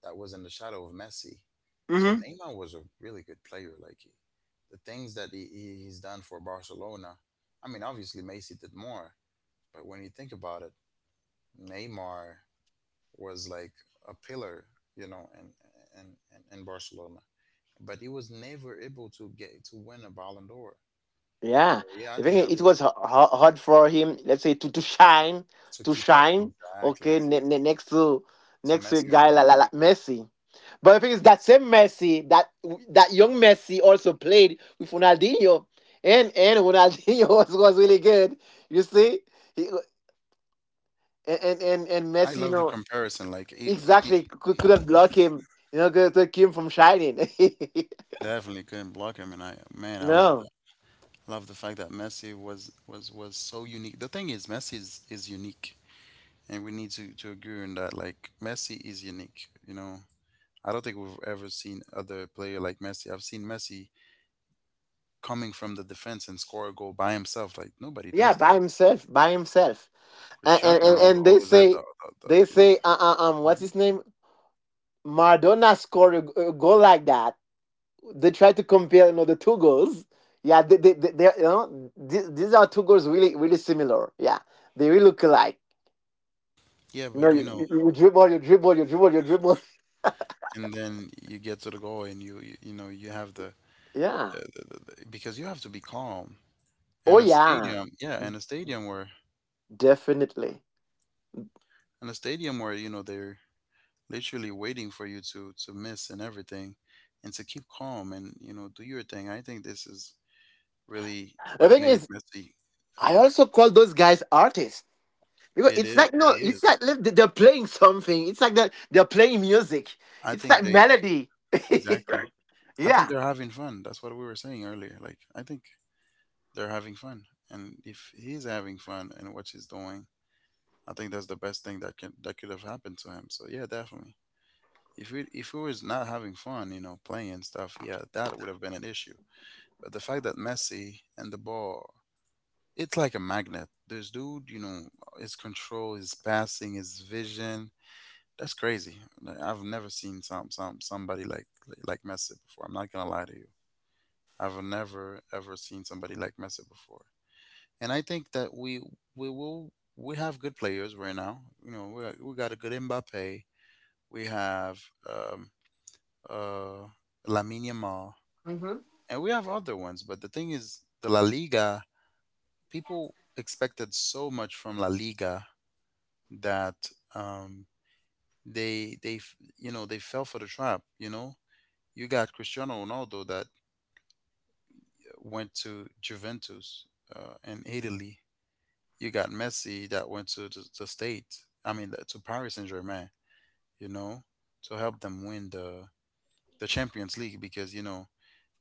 Speaker 1: that was in the shadow of Messi. So
Speaker 2: Hmm.
Speaker 1: Neymar was a really good player. Like he, the things that he's done for Barcelona, I mean, obviously Messi did more, but when you think about it, Neymar was like a pillar, you know, in in, in Barcelona. But he was never able to get to win a Ballon d'Or. So
Speaker 2: Yeah,
Speaker 1: yeah, I
Speaker 2: I
Speaker 1: think
Speaker 2: think
Speaker 1: that
Speaker 2: it
Speaker 1: was
Speaker 2: was hard for him, let's say, to, shine,
Speaker 1: to
Speaker 2: to
Speaker 1: keep up
Speaker 2: shine.
Speaker 1: exactly
Speaker 2: Okay, next to
Speaker 1: to
Speaker 2: a
Speaker 1: Messi and
Speaker 2: guy
Speaker 1: Ronaldo.
Speaker 2: like Messi, but I think it's that same Messi that young Messi also played with Ronaldinho, and Ronaldinho was really good. You see, he, and
Speaker 1: I
Speaker 2: Messi, you
Speaker 1: love the
Speaker 2: know,
Speaker 1: comparison. Like he
Speaker 2: exactly couldn't block him. You know, could keep him from shining.
Speaker 1: definitely couldn't block him, and I man, I love that.
Speaker 2: No,
Speaker 1: Love the fact that Messi was so unique. The thing is, Messi is unique, and we need to agree on that. Like Messi is unique. You know, I don't think we've ever seen other player like Messi. I've seen Messi coming from the defense and score a goal by himself. Like nobody
Speaker 2: yeah,
Speaker 1: does
Speaker 2: by
Speaker 1: that.
Speaker 2: himself, by himself. and
Speaker 1: Cristiano
Speaker 2: and, and
Speaker 1: Ronaldo
Speaker 2: and they
Speaker 1: always had the you know
Speaker 2: say, what's his name, Maradona scored, a goal like that. They try to compare, you know, the two goals. Yeah, they you know, these are two goals really really similar. Yeah, they really look alike.
Speaker 1: yeah,
Speaker 2: You know,
Speaker 1: but you know,
Speaker 2: you dribble, you dribble, you dribble, you dribble.
Speaker 1: and then you get to the goal, and you have
Speaker 2: Yeah.
Speaker 1: because you have to be calm.
Speaker 2: Oh
Speaker 1: And a
Speaker 2: yeah,
Speaker 1: stadium, yeah,
Speaker 2: definitely.
Speaker 1: and a stadium where you know they're literally waiting for you to miss and everything and to keep calm and you know do your thing. I think this is really
Speaker 2: The
Speaker 1: what
Speaker 2: thing
Speaker 1: made
Speaker 2: is,
Speaker 1: Messi, uh,
Speaker 2: I also call those guys artists, because
Speaker 1: it
Speaker 2: it's
Speaker 1: is.
Speaker 2: like no,
Speaker 1: He
Speaker 2: it's
Speaker 1: is.
Speaker 2: like, they're playing something. It's like that they're playing music.
Speaker 1: I
Speaker 2: It's
Speaker 1: think
Speaker 2: like
Speaker 1: they
Speaker 2: melody.
Speaker 1: Exactly. I think
Speaker 2: Yeah.
Speaker 1: they're having fun. That's what we were saying earlier. Like I think they're having fun. And if he's having fun and what he's doing, I think that's the best thing that can that could have happened to him. So yeah, definitely. If we was not having fun, you know, playing and stuff, yeah, that would have been an issue. But the fact that Messi and the ball, it's like a magnet. This dude, you know, his control, his passing, his vision, that's crazy. Like, I've never seen somebody like Messi before. I'm not gonna lie to you. I've never ever seen somebody like Messi before. And I think that we have good players right now. You know, we got a good Mbappe. We have um, uh, Lamine Yamal,
Speaker 2: Hmm.
Speaker 1: and we have other ones. But the thing is, the La Liga people expected so much from La Liga that um, they fell for the trap. You know, you got Cristiano Ronaldo that went to Juventus, in Italy. You got Messi that went to the state. I mean, to Paris Saint Germain. You know, to help them win the Champions League because you know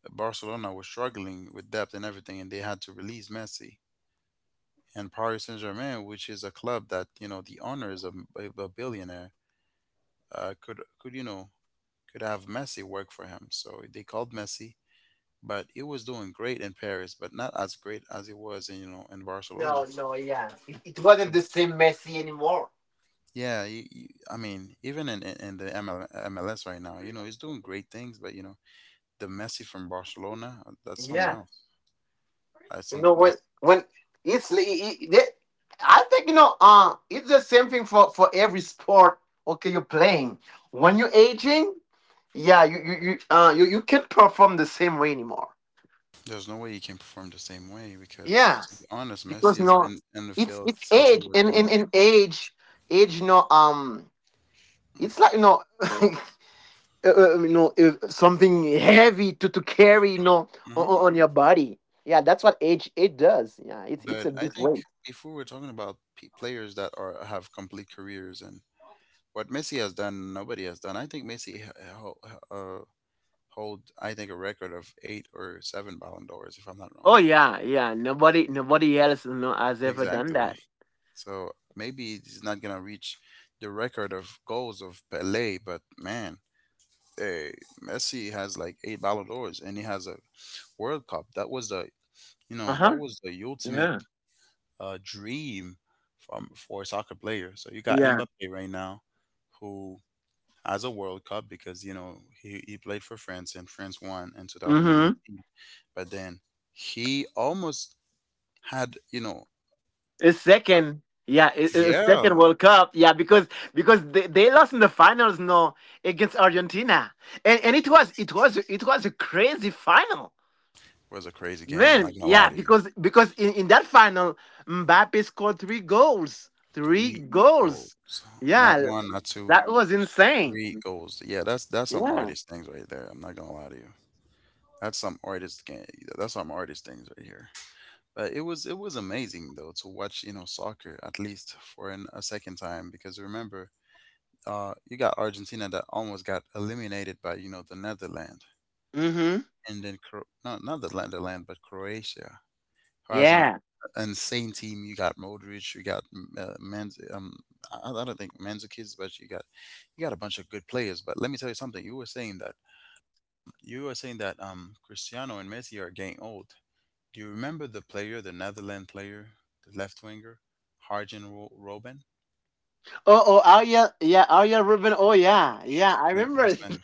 Speaker 1: Barcelona was struggling with depth and everything, and they had to release Messi. And Paris Saint Germain, which is a club that you know the owner is of a billionaire, could you know could have Messi work for him. So they called Messi, but it was doing great in Paris, but not as great as it was in in
Speaker 2: No,
Speaker 1: Barcelona.
Speaker 2: no, yeah, it wasn't
Speaker 1: So
Speaker 2: the same Messi anymore.
Speaker 1: yeah, I mean even in the ML, MLS right now, you know, it's doing great things, but you know the Messi from Barcelona, that's something
Speaker 2: Yeah.
Speaker 1: else. That's
Speaker 2: You
Speaker 1: some
Speaker 2: know,
Speaker 1: that's
Speaker 2: when it's li- I- the- I think, you know, it's the same thing for every sport. Okay, you're playing. When you're aging, yeah, you can't perform the same way anymore.
Speaker 1: There's no way he can perform the same way
Speaker 2: Yeah,
Speaker 1: because, to be honest,
Speaker 2: because
Speaker 1: Messi has
Speaker 2: you
Speaker 1: been in the
Speaker 2: it's
Speaker 1: field
Speaker 2: it's
Speaker 1: since it
Speaker 2: age
Speaker 1: was,
Speaker 2: and
Speaker 1: you
Speaker 2: and,
Speaker 1: know.
Speaker 2: and age age no um it's like, you know, you know, if something heavy to carry, you know,
Speaker 1: Hmm.
Speaker 2: on your body, yeah, that's what age it does. Yeah, it's
Speaker 1: But
Speaker 2: a
Speaker 1: I
Speaker 2: big
Speaker 1: think
Speaker 2: weight.
Speaker 1: if we were talking about players that are have complete careers and what Messi has done, nobody has done. I think Messi hold, I think, a record of eight or seven Ballon d'Ors, if I'm not wrong.
Speaker 2: Oh
Speaker 1: So
Speaker 2: yeah, yeah, nobody else, you know, has ever done
Speaker 1: exactly.
Speaker 2: that.
Speaker 1: So maybe he's not gonna reach the record of goals of Pelé, but man, hey, Messi has like eight Ballon d'Ors, and he has a World Cup. That
Speaker 2: Uh-huh.
Speaker 1: was the ultimate
Speaker 2: Yeah.
Speaker 1: dream from for a soccer player. So you got
Speaker 2: Yeah.
Speaker 1: Mbappe right now, who has a World Cup because you know he played for France and France won in
Speaker 2: Mm-hmm.
Speaker 1: 2018, but then he almost had you know
Speaker 2: It's
Speaker 1: a,
Speaker 2: second, yeah, it's
Speaker 1: yeah,
Speaker 2: second
Speaker 1: it
Speaker 2: world cup, yeah, because they lost in the finals, no, against Argentina, and it was a crazy final.
Speaker 1: was a crazy game. I'm not
Speaker 2: Man,
Speaker 1: gonna lie
Speaker 2: yeah,
Speaker 1: to you.
Speaker 2: because in that final, Mbappe scored three goals. Three
Speaker 1: Three
Speaker 2: goals.
Speaker 1: goals, not
Speaker 2: Yeah,
Speaker 1: one, not two,
Speaker 2: that was insane.
Speaker 1: three goals. Yeah, that's some
Speaker 2: Yeah.
Speaker 1: artist things right there. I'm not gonna lie to you. That's some artist game. That's some artist things right here. But it was amazing though to watch you know soccer at least for a second time because remember you got Argentina that almost got eliminated by you know the Netherlands
Speaker 2: Mm-hmm.
Speaker 1: and then no, not the Netherlands but Croatia who has an
Speaker 2: Yeah.
Speaker 1: insane team. You got Modric, you got Manz. I don't think Mandzukic, but you got a bunch of good players. But let me tell you something. You were saying that Cristiano and Messi are getting old. Do you remember the player, the Netherlands player, the left winger, Robin?
Speaker 2: Oh, Arya, yeah, Arya Ruben. Oh, yeah, yeah. I
Speaker 1: Man,
Speaker 2: remember.
Speaker 1: this man,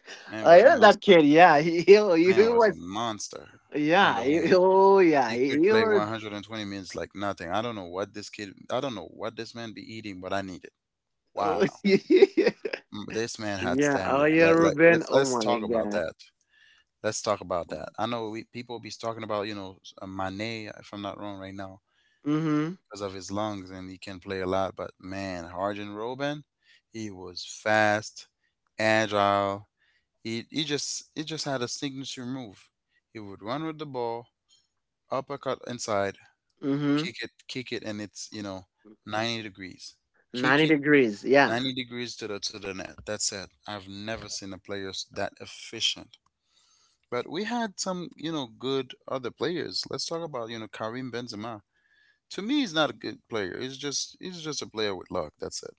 Speaker 1: Man
Speaker 2: I
Speaker 1: was a
Speaker 2: remember that
Speaker 1: monster.
Speaker 2: kid. Yeah, he
Speaker 1: Man was a
Speaker 2: was.
Speaker 1: monster on
Speaker 2: Yeah.
Speaker 1: the wing.
Speaker 2: Yeah.
Speaker 1: He could
Speaker 2: He
Speaker 1: play
Speaker 2: was.
Speaker 1: 120 minutes like nothing. I don't know what this man be eating, but I need it.
Speaker 2: Oh,
Speaker 1: Wow.
Speaker 2: yeah,
Speaker 1: This man had stamina.
Speaker 2: Arya
Speaker 1: Like,
Speaker 2: Ruben.
Speaker 1: let's
Speaker 2: Oh
Speaker 1: let's
Speaker 2: my
Speaker 1: talk about
Speaker 2: God.
Speaker 1: that. Let's talk about that. I know people be talking about, you know, Mane, if I'm not wrong right now,
Speaker 2: Mm-hmm.
Speaker 1: because of his lungs and he can play a lot. But man, Arjen Robin, he was fast, agile. He just had a signature move. He would run with the ball, uppercut inside,
Speaker 2: Mm-hmm.
Speaker 1: kick it, and it's, you know, 90 degrees. Kick
Speaker 2: Ninety
Speaker 1: it
Speaker 2: degrees. Yeah.
Speaker 1: 90 degrees to the net. That's it. I've never seen a player that efficient. But we had some, you know, good other players. Let's talk about, you know, Karim Benzema. To me, he's not a good player. He's just a player with luck. That's it.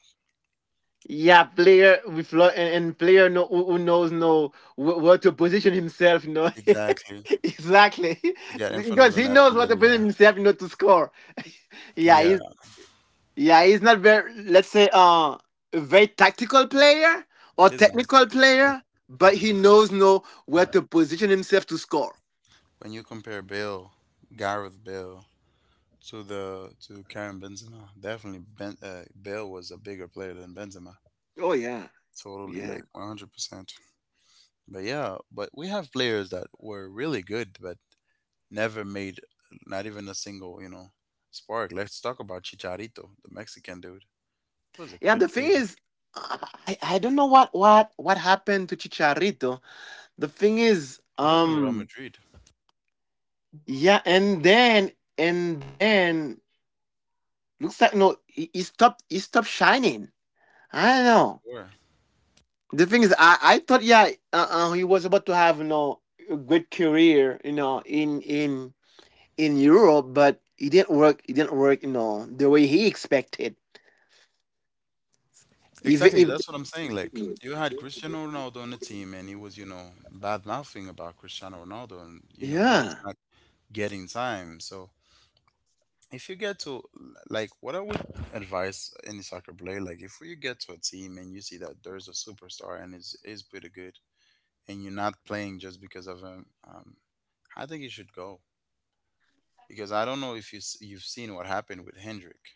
Speaker 2: Yeah, player with and player, no, who, knows, no, where to position himself, you know.
Speaker 1: Exactly.
Speaker 2: Exactly.
Speaker 1: To get in front of
Speaker 2: Because
Speaker 1: the
Speaker 2: he
Speaker 1: net,
Speaker 2: knows
Speaker 1: and
Speaker 2: what
Speaker 1: then
Speaker 2: to position
Speaker 1: yeah.
Speaker 2: himself, you know, to score. Yeah,
Speaker 1: Yeah.
Speaker 2: he's yeah, he's not very, let's say, a very tactical player or
Speaker 1: He's nice.
Speaker 2: technical player, but he knows no where to position himself to score.
Speaker 1: When you compare Bale, Gareth Bale, to the to Karim Benzema, definitely Bale was a bigger player than Benzema.
Speaker 2: Oh yeah,
Speaker 1: Totally,
Speaker 2: yeah,
Speaker 1: like 100%. But yeah, but we have players that were really good but never made not even a single, you know, spark. Let's talk about Chicharito, the Mexican dude. He was a
Speaker 2: yeah.
Speaker 1: good
Speaker 2: The thing
Speaker 1: player.
Speaker 2: is, I don't know what happened to Chicharito. The thing is,
Speaker 1: He was in Real
Speaker 2: um.
Speaker 1: Madrid.
Speaker 2: Yeah, and then and then looks like, no, he stopped. He stopped shining. I don't know.
Speaker 1: Sure.
Speaker 2: The thing is, I thought, yeah, he was about to have, you know, a great career, you know, in Europe, but it didn't work. It didn't work, you know, the way he expected. Even
Speaker 1: Exactly,
Speaker 2: if.
Speaker 1: that's what I'm saying. Like, you had Cristiano Ronaldo on the team, and he was, you know, bad mouthing about Cristiano Ronaldo, and you know, he was
Speaker 2: Yeah.
Speaker 1: not getting time. So if you get to, like, what I would advise any soccer player, like if you get to a team and you see that there's a superstar and is pretty good, and you're not playing just because of him, I think you should go because I don't know if you've seen what happened with Hendrick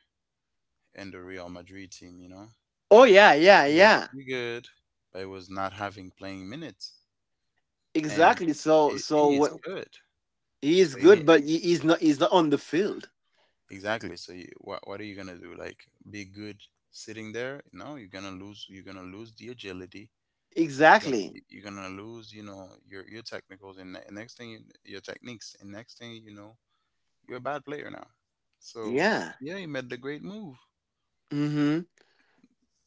Speaker 1: and the Real Madrid team. You know,
Speaker 2: Oh yeah, yeah,
Speaker 1: he was
Speaker 2: yeah.
Speaker 1: pretty good, but he was not having playing minutes. and y-
Speaker 2: Exactly. So
Speaker 1: it
Speaker 2: so
Speaker 1: is
Speaker 2: what,
Speaker 1: good.
Speaker 2: he is
Speaker 1: So you
Speaker 2: good,
Speaker 1: need
Speaker 2: but he's not on the field.
Speaker 1: exactly. So you, what are you gonna do? Like be good sitting there? No, you're gonna lose. You're gonna lose the agility. You're gonna
Speaker 2: Exactly.
Speaker 1: you're gonna lose. You know your technicals and next thing you, your techniques, and next thing you know you're a bad player now. So
Speaker 2: Yeah.
Speaker 1: yeah, you made the great move.
Speaker 2: Mm-hmm.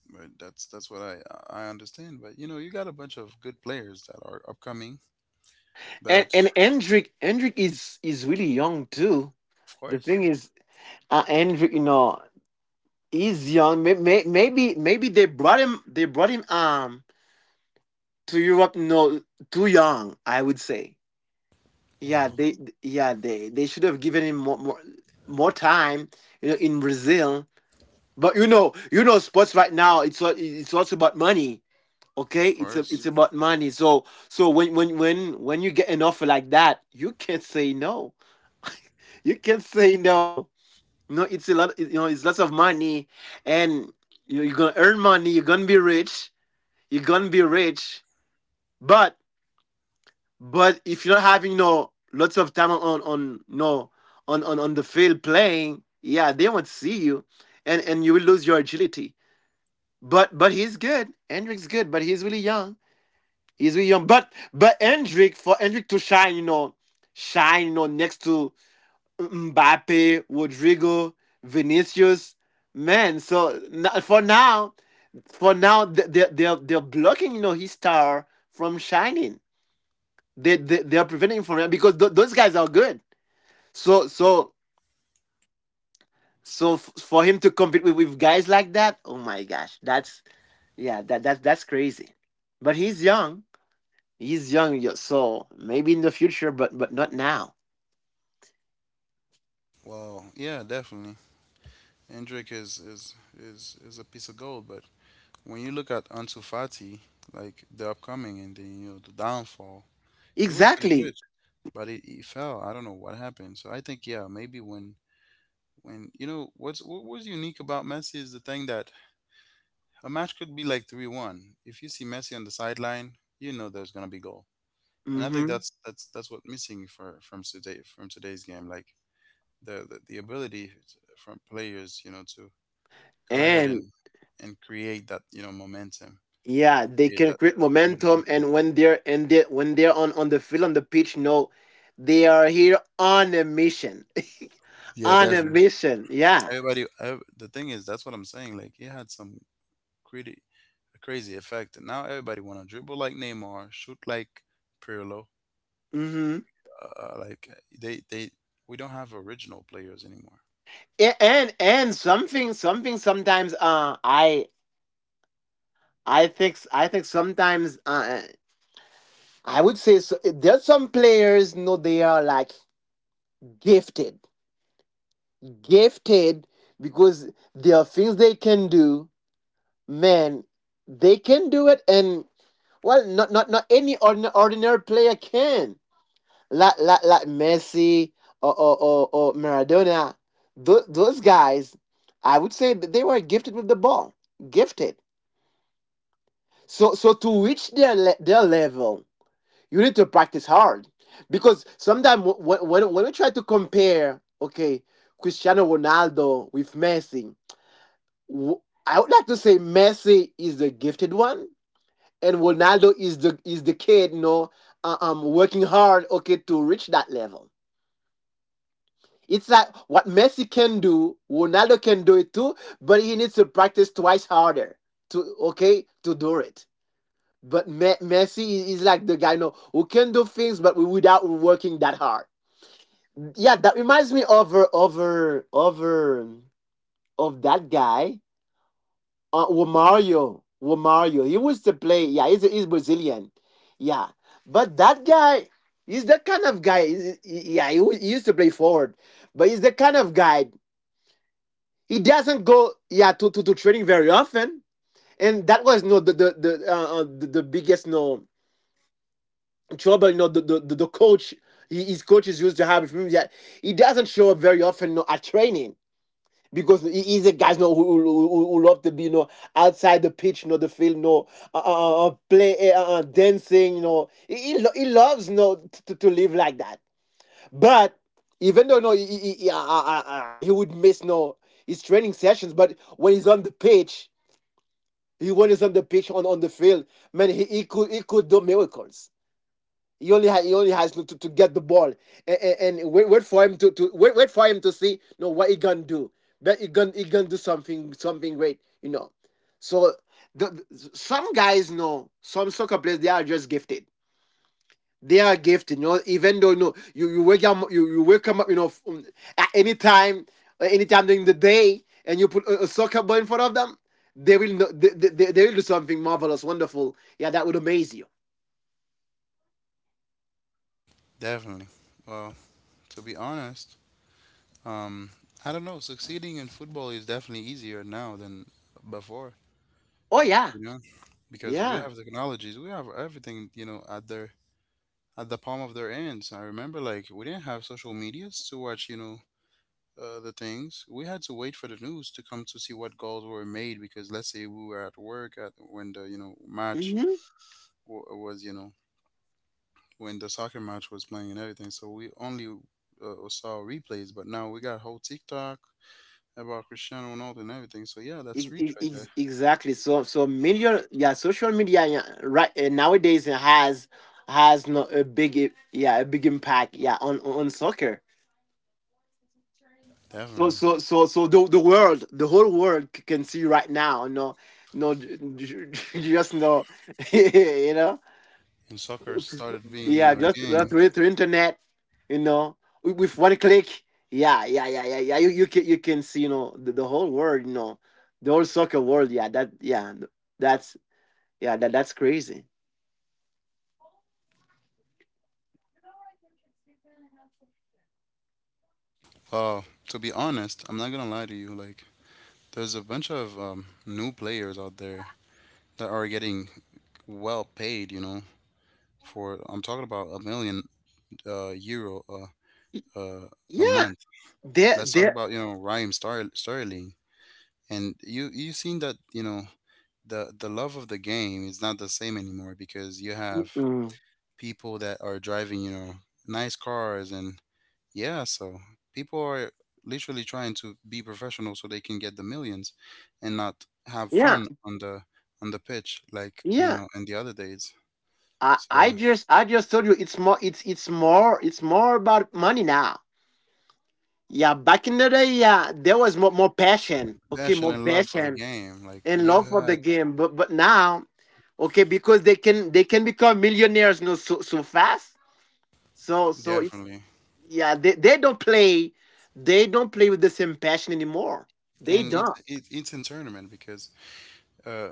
Speaker 1: But that's that's what I understand. But you know you got a bunch of good players that are upcoming.
Speaker 2: And
Speaker 1: But
Speaker 2: and Hendrik is really young too.
Speaker 1: of
Speaker 2: The
Speaker 1: course,
Speaker 2: thing is, Hendrik, you know, he's young. Maybe they brought him to Europe. No, too young, I would say. Yeah,
Speaker 1: well,
Speaker 2: they yeah, they should have given him more time. You know, in Brazil. But you know, sports right now. It's it's also about money. Okay,
Speaker 1: of course,
Speaker 2: it's about money. So when you get an offer like that, you can't say no, you can't say no. You know, it's a lot. You know, it's lots of money, and you know, you're gonna earn money. You're gonna be rich. You're gonna be rich. But but if you're not having no lots of time on no on on the field playing, yeah, they won't see you, and you will lose your agility. But he's good. Hendrick's good, but he's really young. He's really young. But Hendrick, to shine, you know, next to Mbappe, Rodrigo, Vinicius. Man, so for now, for now, they're blocking, you know, his star from shining. They're preventing him from that, because those guys are good. So so so for him to compete with guys like that, oh my gosh, that's, yeah, that's crazy. But he's young. He's young, so maybe in the future, but not now.
Speaker 1: well, yeah, definitely. Hendrick is a piece of gold, but when you look at Ansu Fati, like the upcoming and then you know the downfall, it was pretty
Speaker 2: Exactly.
Speaker 1: good, but it fell. I don't know what happened. So I think yeah, maybe when you know what was unique about Messi is the thing that a match could be like 3-1. If you see Messi on the sideline, you know there's gonna be goal, and I think
Speaker 2: Hmm.
Speaker 1: that's what missing for from today from today's game, like the ability from players, you know, to go ahead
Speaker 2: And
Speaker 1: and create that, you know, momentum,
Speaker 2: yeah, they
Speaker 1: create
Speaker 2: can
Speaker 1: that
Speaker 2: create momentum,
Speaker 1: motivation.
Speaker 2: and when they're on the field, on the pitch, no, they are here on a mission,
Speaker 1: Yeah,
Speaker 2: on a
Speaker 1: definitely.
Speaker 2: mission. Yeah.
Speaker 1: The thing is, that's what I'm saying. Like it had some crazy crazy effect, and now everybody want to dribble like Neymar, shoot like Pirlo,
Speaker 2: Mm-hmm.
Speaker 1: like they we don't have original players anymore.
Speaker 2: And something something sometimes I think I think sometimes I would say so, there's some players no they are like gifted, gifted, because there are things they can do, man, they can do it. And well, not any ordinary player can. Like Messi or Maradona. Those guys, I would say that they were gifted with the ball, gifted. So to reach their their level, you need to practice hard. Because sometimes when when we try to compare, okay, Cristiano Ronaldo with Messi, w- I would like to say Messi is the gifted one and Ronaldo is the kid, you know, working hard, okay, to reach that level. It's like what Messi can do, Ronaldo can do it too, but he needs to practice twice harder to, okay, to do it. But Messi is like the guy, you know, who can do things, but without working that hard. Yeah, that reminds me of over of that guy. Well, Mario, he used to play. Yeah, he's Brazilian. Yeah, but that guy, he's that kind of guy. Yeah, he used to play forward, but he's the kind of guy. He doesn't go, yeah, to training very often, and that was no the biggest no trouble. You know coach. His coaches used to have with him. Yeah, he doesn't show up very often, no, at training because he's a guy, you know, who love to be, you know, outside the pitch, you know, the field, you know, play, dancing, you know. He loves, you know, to live like that. But even though, you know, he would miss, you know, his training sessions, but when he's on the pitch, he when he's on the pitch, on the field, man, he could, he could do miracles. He only he only has to get the ball and, and wait for him wait for him to see, no, what he gonna do. But he gonna do something great, you know. So some guys know, some soccer players, they are just gifted. They are gifted, you know. Even though, you know, you wake up, you wake up, you know, at any time, anytime during the day, and you put a soccer ball in front of them, they will know, they will do something marvelous, wonderful. Yeah, that would amaze you.
Speaker 1: Definitely. Well, to be honest, Um, I don't know. Succeeding in football is definitely easier now than before,
Speaker 2: Oh yeah,
Speaker 1: you know, because we
Speaker 2: yeah.
Speaker 1: have technologies, we have everything, you know, at the palm of their hands. I remember like we didn't have social medias to watch, you know, the things. We had to wait for the news to come to see what goals were made because let's say we were at work at when the, you know, match
Speaker 2: Mhm.
Speaker 1: was, you know, when the soccer match was playing and everything. So we only, saw replays, but now we got whole TikTok about Cristiano Ronaldo and everything. So yeah, that's reach right there.
Speaker 2: Exactly, so so media, yeah, social media, yeah, right. Nowadays it has no, a big yeah, a big impact, yeah, on on soccer.
Speaker 1: Definitely.
Speaker 2: So the world, the whole world can see right now, no, no j- you just, no, you know.
Speaker 1: And soccer started being, you
Speaker 2: Yeah,
Speaker 1: know, a
Speaker 2: just
Speaker 1: game.
Speaker 2: that's way through internet, you know, with one click. Yeah. You can, you can see, you know, the whole world, you know, the whole soccer world. Yeah, that's, yeah, that's crazy.
Speaker 1: Well, to be honest, I'm not gonna lie to you. Like, there's a bunch of new players out there that are getting well paid. You know, for I'm talking about a million euro
Speaker 2: Y-
Speaker 1: uh, a
Speaker 2: Yeah,
Speaker 1: month. Let's talk
Speaker 2: there.
Speaker 1: about, you know, Sterling, and you seen that you know the love of the game is not the same anymore because you have
Speaker 2: Mm.
Speaker 1: people that are driving, you know, nice cars and yeah, so people are literally trying to be professional so they can get the millions and not have
Speaker 2: Yeah,
Speaker 1: fun on the pitch, like, you
Speaker 2: yeah.
Speaker 1: know, in the other days. So
Speaker 2: I just told you it's more, it's more about money now. Yeah, back in the day, yeah, there was more passion. Okay,
Speaker 1: passion
Speaker 2: more
Speaker 1: and love for the
Speaker 2: passion
Speaker 1: game, like
Speaker 2: and
Speaker 1: you
Speaker 2: love
Speaker 1: had.
Speaker 2: for the game. But now, okay, because they can become millionaires, you know, so, so fast. So so it's,
Speaker 1: Definitely.
Speaker 2: yeah, they don't play with the same passion anymore. They
Speaker 1: And it's
Speaker 2: don't.
Speaker 1: it's in tournament because uh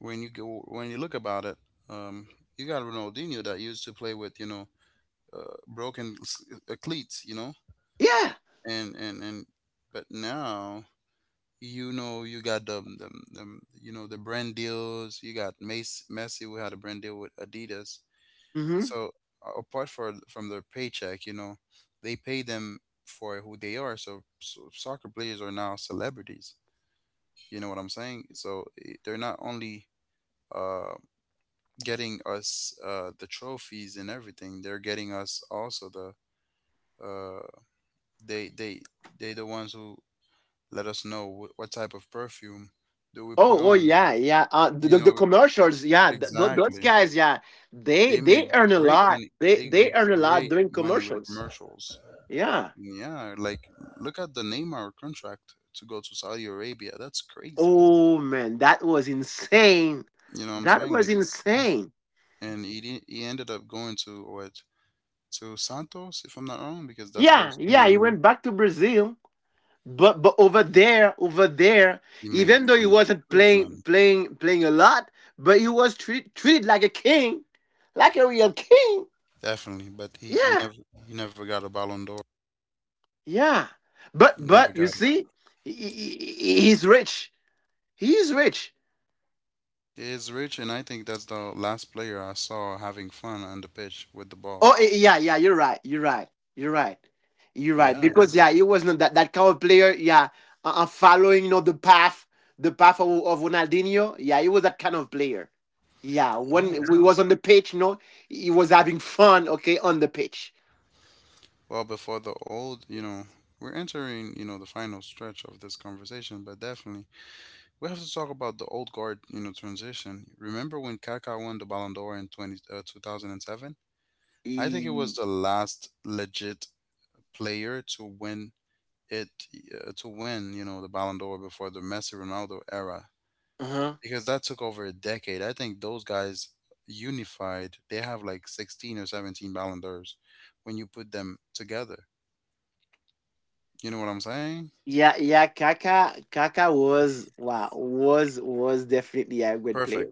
Speaker 1: when you go when you look about it, um you got Ronaldinho that used to play with, you know, cleats, you know,
Speaker 2: Yeah.
Speaker 1: and but now, you know, you got them you know the brand deals. You got Messi, we had a brand deal with Adidas.
Speaker 2: Hmm.
Speaker 1: So, apart for from their paycheck, you know, they pay them for who they are. So, so soccer players are now celebrities, you know what I'm saying. So they're not only uh getting us the trophies and everything, they're getting us also the uh they they they the ones who let us know what type of perfume do we
Speaker 2: Oh
Speaker 1: put
Speaker 2: oh
Speaker 1: on.
Speaker 2: yeah, yeah.
Speaker 1: You
Speaker 2: The
Speaker 1: know,
Speaker 2: commercials, yeah, those
Speaker 1: exactly.
Speaker 2: guys, yeah.
Speaker 1: They make
Speaker 2: They earn a
Speaker 1: great
Speaker 2: lot.
Speaker 1: money. They
Speaker 2: They
Speaker 1: make
Speaker 2: earn a lot
Speaker 1: great
Speaker 2: doing
Speaker 1: money with
Speaker 2: commercials.
Speaker 1: commercials.
Speaker 2: Yeah.
Speaker 1: Yeah, like look at the Neymar contract to go to Saudi Arabia. That's crazy.
Speaker 2: Oh man, that was insane.
Speaker 1: You know what I'm
Speaker 2: That
Speaker 1: saying?
Speaker 2: was
Speaker 1: Like,
Speaker 2: insane.
Speaker 1: and he ended up going to what, to Santos, if I'm not wrong, because that's where
Speaker 2: Yeah,
Speaker 1: he's playing
Speaker 2: yeah,
Speaker 1: right
Speaker 2: he
Speaker 1: now.
Speaker 2: went back to Brazil. But, over there,
Speaker 1: He made
Speaker 2: even though he
Speaker 1: some
Speaker 2: wasn't
Speaker 1: good money,
Speaker 2: playing a lot, but he was treated like a king, like a real king.
Speaker 1: definitely. But he
Speaker 2: Yeah,
Speaker 1: never, he never got a Ballon d'Or.
Speaker 2: yeah.
Speaker 1: He never
Speaker 2: But you
Speaker 1: got.
Speaker 2: see, he, he, he's rich. He is rich.
Speaker 1: He is rich, and I think that's the last player I saw having fun on the pitch with the ball.
Speaker 2: Oh eh, yeah, yeah, you're right. You're right. You're right. You're right.
Speaker 1: Yeah,
Speaker 2: Because yeah, he was not that kind of player. Yeah, following, you know, the path of Ronaldinho. Yeah, he was that kind of player. Yeah,
Speaker 1: yeah.
Speaker 2: when we
Speaker 1: So,
Speaker 2: was on the pitch, you know, he was having fun. Okay, on the pitch.
Speaker 1: well, before the old, you know, we're entering, you know, the final stretch of this conversation, but definitely we have to talk about the old guard, you know, transition. Remember when Kaká won the Ballon d'Or in 2007? I think it was
Speaker 2: He-
Speaker 1: the last legit player to win it, to win, you know, the Ballon d'Or before the Messi Ronaldo era,
Speaker 2: uh-huh.
Speaker 1: because that took over a decade. I think those guys unified, they have like 16 or 17 Ballon d'Ors when you put them together. You know what I'm saying?
Speaker 2: Yeah, yeah. Kaka was, wow, was definitely a good
Speaker 1: Perfect.
Speaker 2: player.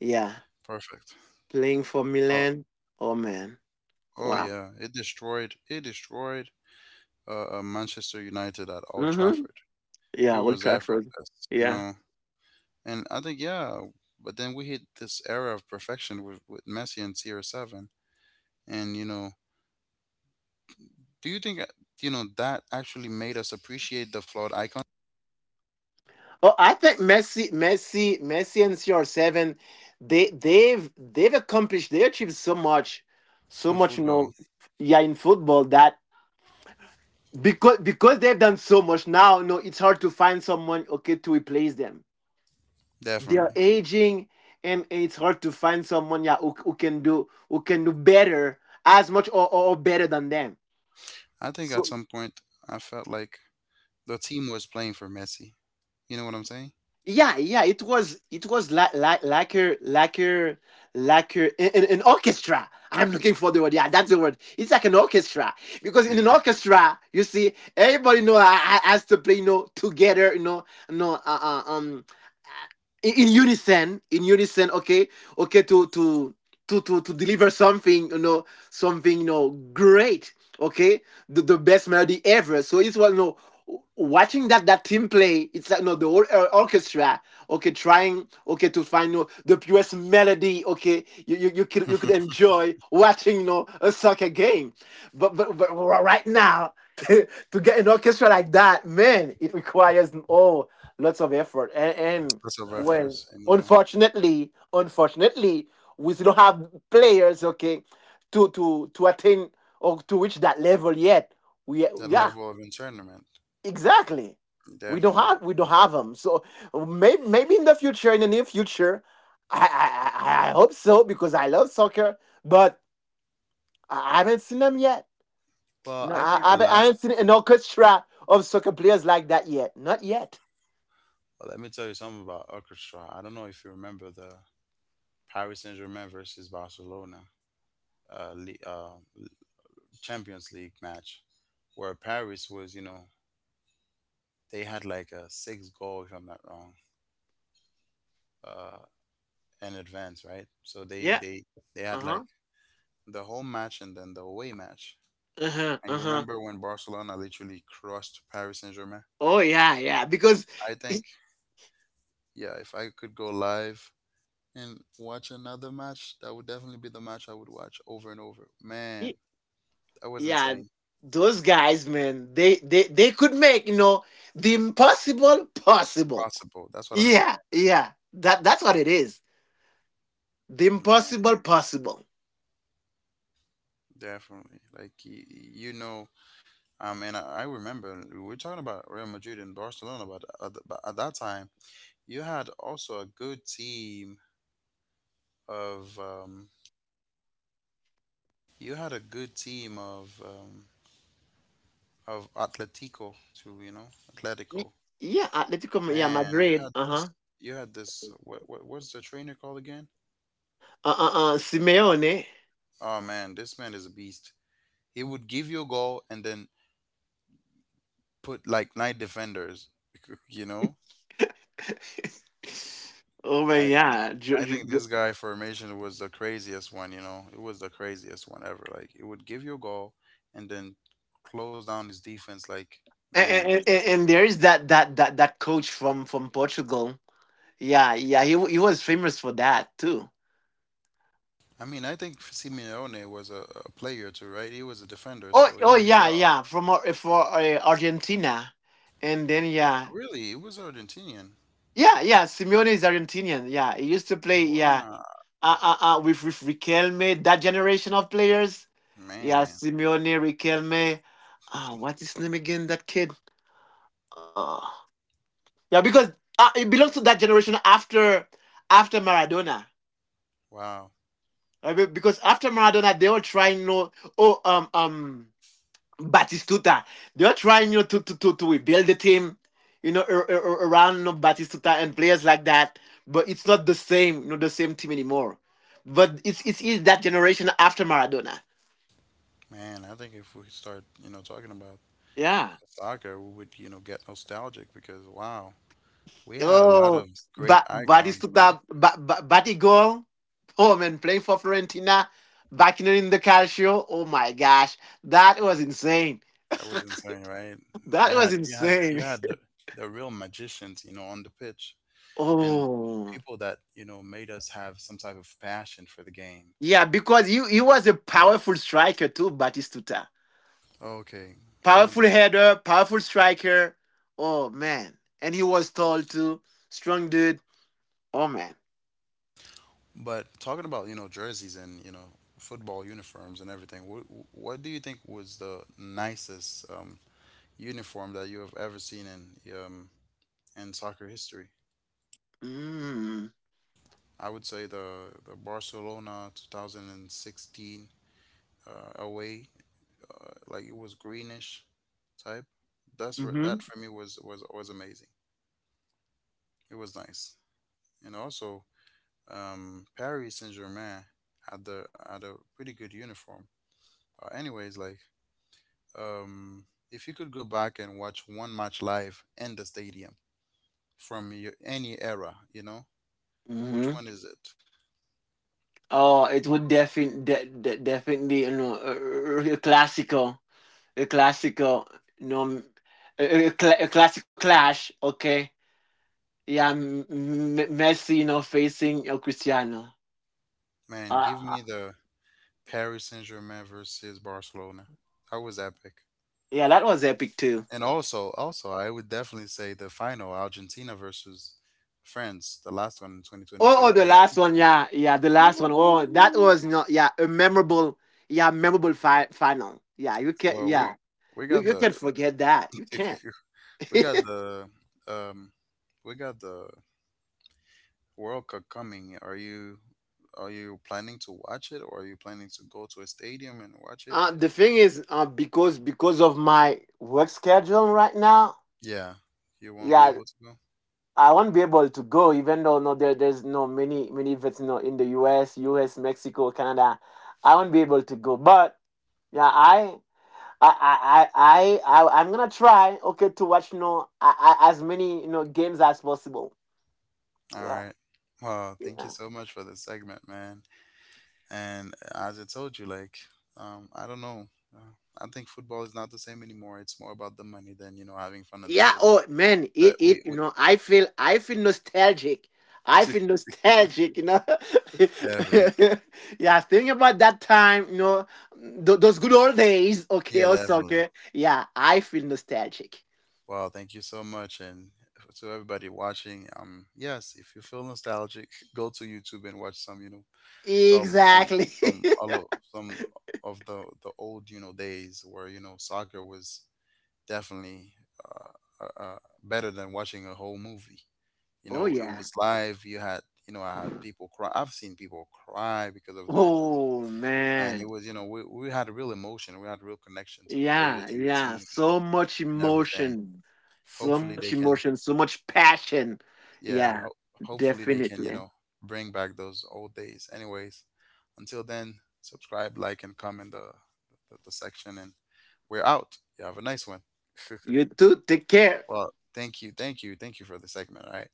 Speaker 2: Yeah,
Speaker 1: Perfect.
Speaker 2: playing for
Speaker 1: Oh,
Speaker 2: Milan. Oh man,
Speaker 1: oh
Speaker 2: wow.
Speaker 1: yeah, it destroyed Manchester United at Old
Speaker 2: Mm-hmm.
Speaker 1: Trafford. It
Speaker 2: Yeah, Old
Speaker 1: was
Speaker 2: Trafford.
Speaker 1: effortless, you
Speaker 2: Yeah.
Speaker 1: know. And I think yeah, but then we hit this era of perfection with Messi and CR7. And you know, do you think you know, that actually made us appreciate the flawed icon
Speaker 2: Oh, I think Messi and CR7, they've accomplished, they achieved so much, so
Speaker 1: in
Speaker 2: much, you
Speaker 1: football?
Speaker 2: know, yeah, in football, that because they've done so much now, no, it's hard to find someone, okay, to replace them. They are
Speaker 1: Definitely.
Speaker 2: aging, and it's hard to find someone, yeah, who, who can do better, as much, or better than them.
Speaker 1: I think at
Speaker 2: So.
Speaker 1: some point I felt like the team was playing for Messi. You know what I'm saying?
Speaker 2: Yeah, yeah, it was, it was like a, an orchestra. I'm looking for the word. Yeah, that's the word. It's like an orchestra because in an orchestra, you see, everybody know has to play, you know, together, you know, no, uh, in unison, in unison. Okay, okay, to deliver something, you know, great. Okay, the best melody ever. So it's, what, you know, watching that that team play, it's like, no, the whole, orchestra, okay, trying, okay, to find, you know, the purest melody, okay, you could, you could
Speaker 1: Lots
Speaker 2: enjoy watching, you know, a soccer game, but right now get an orchestra like that, man, it requires, oh, lots of effort and,
Speaker 1: of
Speaker 2: well,
Speaker 1: efforts and yeah,
Speaker 2: unfortunately, unfortunately, we don't have players, okay, to attain or to reach that level yet, we,
Speaker 1: that
Speaker 2: yeah.
Speaker 1: level of internment.
Speaker 2: Exactly. We don't
Speaker 1: Definitely.
Speaker 2: have, we don't have them. So maybe, maybe in the future, in the near future, I, I hope so because I love soccer, but I haven't seen them yet.
Speaker 1: Well,
Speaker 2: No,
Speaker 1: I
Speaker 2: I,
Speaker 1: think the
Speaker 2: I
Speaker 1: last.
Speaker 2: haven't seen an orchestra of soccer players like that yet. Not yet.
Speaker 1: Well, let me tell you something about orchestra. I don't know if you remember the Paris Saint Germain versus Barcelona uh, Le- uh, Champions League match, where Paris was, you know, they had like a six goal if I'm not wrong, uh, in advance, right? So they
Speaker 2: Yeah.
Speaker 1: they they
Speaker 2: Uh
Speaker 1: had
Speaker 2: huh.
Speaker 1: like the home match and then the away match.
Speaker 2: Uh huh.
Speaker 1: And
Speaker 2: Uh
Speaker 1: you
Speaker 2: huh.
Speaker 1: remember when Barcelona literally crushed Paris Saint Germain?
Speaker 2: Oh yeah, yeah. Because
Speaker 1: I
Speaker 2: y-
Speaker 1: think, yeah, if I could go live and watch another match, that would definitely be the match I would watch over and over.
Speaker 2: y-
Speaker 1: Man, that was
Speaker 2: yeah,
Speaker 1: insane.
Speaker 2: those guys, man, they could make, you know, the impossible possible.
Speaker 1: Possible. That's what I'm
Speaker 2: Yeah,
Speaker 1: saying.
Speaker 2: yeah. That that's what it is. The
Speaker 1: Man,
Speaker 2: impossible possible.
Speaker 1: definitely. Like, you know, I remember we were talking about Real Madrid and Barcelona, but at that time, you had also a good team of, you had a good team of Atletico to, you know,
Speaker 2: Y-
Speaker 1: Atletico.
Speaker 2: Yeah, Atletico yeah,
Speaker 1: Man,
Speaker 2: Madrid. Uh-huh.
Speaker 1: you had this what, what's the trainer called again?
Speaker 2: Uh-uh. Simeone.
Speaker 1: Oh man, this man is a beast. He would give you a goal and then put like nine defenders, you know?
Speaker 2: Oh my,
Speaker 1: I
Speaker 2: yeah.
Speaker 1: I think this guy formation was the craziest one, you know. It was the craziest one ever. Like it would give you a goal and then close down his defense like
Speaker 2: And,
Speaker 1: man, that's.
Speaker 2: and there is that coach from Portugal. Yeah, yeah, he he was famous for that too.
Speaker 1: I mean, I think Simeone was a player too, right? He was a defender,
Speaker 2: Oh
Speaker 1: so he
Speaker 2: oh
Speaker 1: knew
Speaker 2: yeah,
Speaker 1: well.
Speaker 2: yeah, from for, Argentina. And then yeah.
Speaker 1: Really, he was Argentinian.
Speaker 2: Yeah, yeah, Simeone is Argentinian. Yeah, he used to play, yeah,
Speaker 1: Wow,
Speaker 2: with Riquelme, that generation of players. Yeah,
Speaker 1: man.
Speaker 2: Simeone, Riquelme. Ah, what's his name again? That kid. Oh, yeah, because, it belongs to that generation after, after Maradona.
Speaker 1: Wow.
Speaker 2: Right? Because after Maradona, they were trying, no, oh, Batistuta. They were trying, you know, to rebuild the team, you know, around, you know, Batistuta and players like that. But it's not the same, you know, the same team anymore. But it's that generation after Maradona.
Speaker 1: Man, I think if we start, you know, talking about
Speaker 2: Yeah.
Speaker 1: soccer, we would, you know, get nostalgic because wow, we had a lot
Speaker 2: Oh,
Speaker 1: of great icons, man.
Speaker 2: Batistuta, Batigol, oh man, playing for Fiorentina, backing in the Calcio. Oh my gosh, that was insane.
Speaker 1: That was insane, right?
Speaker 2: That
Speaker 1: You
Speaker 2: was
Speaker 1: had you had
Speaker 2: insane.
Speaker 1: you had the real magicians, you know, on the pitch and
Speaker 2: Oh,
Speaker 1: people that, you know, made us have some type of passion for the game.
Speaker 2: yeah, because he was a powerful striker too, Batistuta.
Speaker 1: Okay. Um,
Speaker 2: Powerful header, powerful striker. Oh man, and he was tall too, strong dude. Oh man.
Speaker 1: but talking about, you know, jerseys and, you know, football uniforms and everything, what do you think was the nicest uniform that you have ever seen in soccer history.
Speaker 2: Mm.
Speaker 1: I would say the Barcelona 2016 away, like it was greenish type.
Speaker 2: Mhm.
Speaker 1: That for me was amazing. It was nice, and also Paris Saint Germain had the had a pretty good uniform. Anyways, like if you could go back and watch one match live in the stadium from your, any era, you know, which
Speaker 2: Mhm.
Speaker 1: one is it?
Speaker 2: Oh, it would definitely, definitely, you know, a, a classical, you know, a classical clash. Okay, yeah, Messi, you know, facing, Cristiano.
Speaker 1: Man, give
Speaker 2: Uh,
Speaker 1: me the Paris Saint-Germain versus Barcelona. That was epic.
Speaker 2: yeah, that was epic too.
Speaker 1: And also, also, I would definitely say the final, Argentina versus France, the last one in 2022.
Speaker 2: Oh, oh,
Speaker 1: That
Speaker 2: the
Speaker 1: was
Speaker 2: last one, yeah, yeah, the last one. Oh, that
Speaker 1: Ooh.
Speaker 2: was not, yeah, a memorable, yeah, memorable final. Yeah, you can,
Speaker 1: Well,
Speaker 2: yeah,
Speaker 1: we
Speaker 2: you,
Speaker 1: got
Speaker 2: you
Speaker 1: the
Speaker 2: can forget that. You can't.
Speaker 1: we got the um we got the World Cup coming. Are you, are you planning to watch it or are you planning to go to a stadium and watch it?
Speaker 2: The thing is, because of my work schedule right now,
Speaker 1: Yeah, you won't be
Speaker 2: yeah,
Speaker 1: able to go.
Speaker 2: I won't be able to go. Even though, no, there's no, many events, you know, in the U.S., Mexico, Canada, I won't be able to go. But yeah, I am gonna try, okay, to watch, you know, I, as many, you know, games as possible.
Speaker 1: All
Speaker 2: Yeah,
Speaker 1: right. Well, thank you
Speaker 2: yeah,
Speaker 1: so much for this segment, man. And as I told you, like, I don't know. Uh, I think football is not the same anymore. It's more about the money than, you know, having fun on the
Speaker 2: yeah.
Speaker 1: pitch.
Speaker 2: Oh man,
Speaker 1: But
Speaker 2: it, you
Speaker 1: we
Speaker 2: know, I feel nostalgic. I feel nostalgic, you know.
Speaker 1: definitely.
Speaker 2: Yeah, think about that time, you know, those good old days. Okay,
Speaker 1: Yeah,
Speaker 2: also,
Speaker 1: definitely.
Speaker 2: okay. Yeah, I feel nostalgic.
Speaker 1: Well, thank you so much. And to everybody watching, yes, if you feel nostalgic, go to YouTube and watch some, you know, some, some,
Speaker 2: Exactly.
Speaker 1: some, all of, some of the old, you know, days where, you know, soccer was definitely uh, uh, uh, better than watching a whole movie. You
Speaker 2: Oh
Speaker 1: know, it
Speaker 2: yeah.
Speaker 1: was live. You had, you know, I had people cry. I've seen people cry because of their
Speaker 2: Oh
Speaker 1: man.
Speaker 2: man.
Speaker 1: It was, you know, we had a real emotion. We had a real connection to the
Speaker 2: Yeah,
Speaker 1: players and the
Speaker 2: yeah,
Speaker 1: teams
Speaker 2: so much
Speaker 1: and everything.
Speaker 2: emotion, so
Speaker 1: Hopefully
Speaker 2: much
Speaker 1: they can,
Speaker 2: emotion, so much passion.
Speaker 1: yeah.
Speaker 2: Yeah,
Speaker 1: Hopefully they can, you
Speaker 2: definitely.
Speaker 1: know, bring back those old days. Anyways, until then, subscribe, like, and comment the the section, and we're out. You have a nice one.
Speaker 2: You too. Take care.
Speaker 1: Well, thank you for the segment. All right.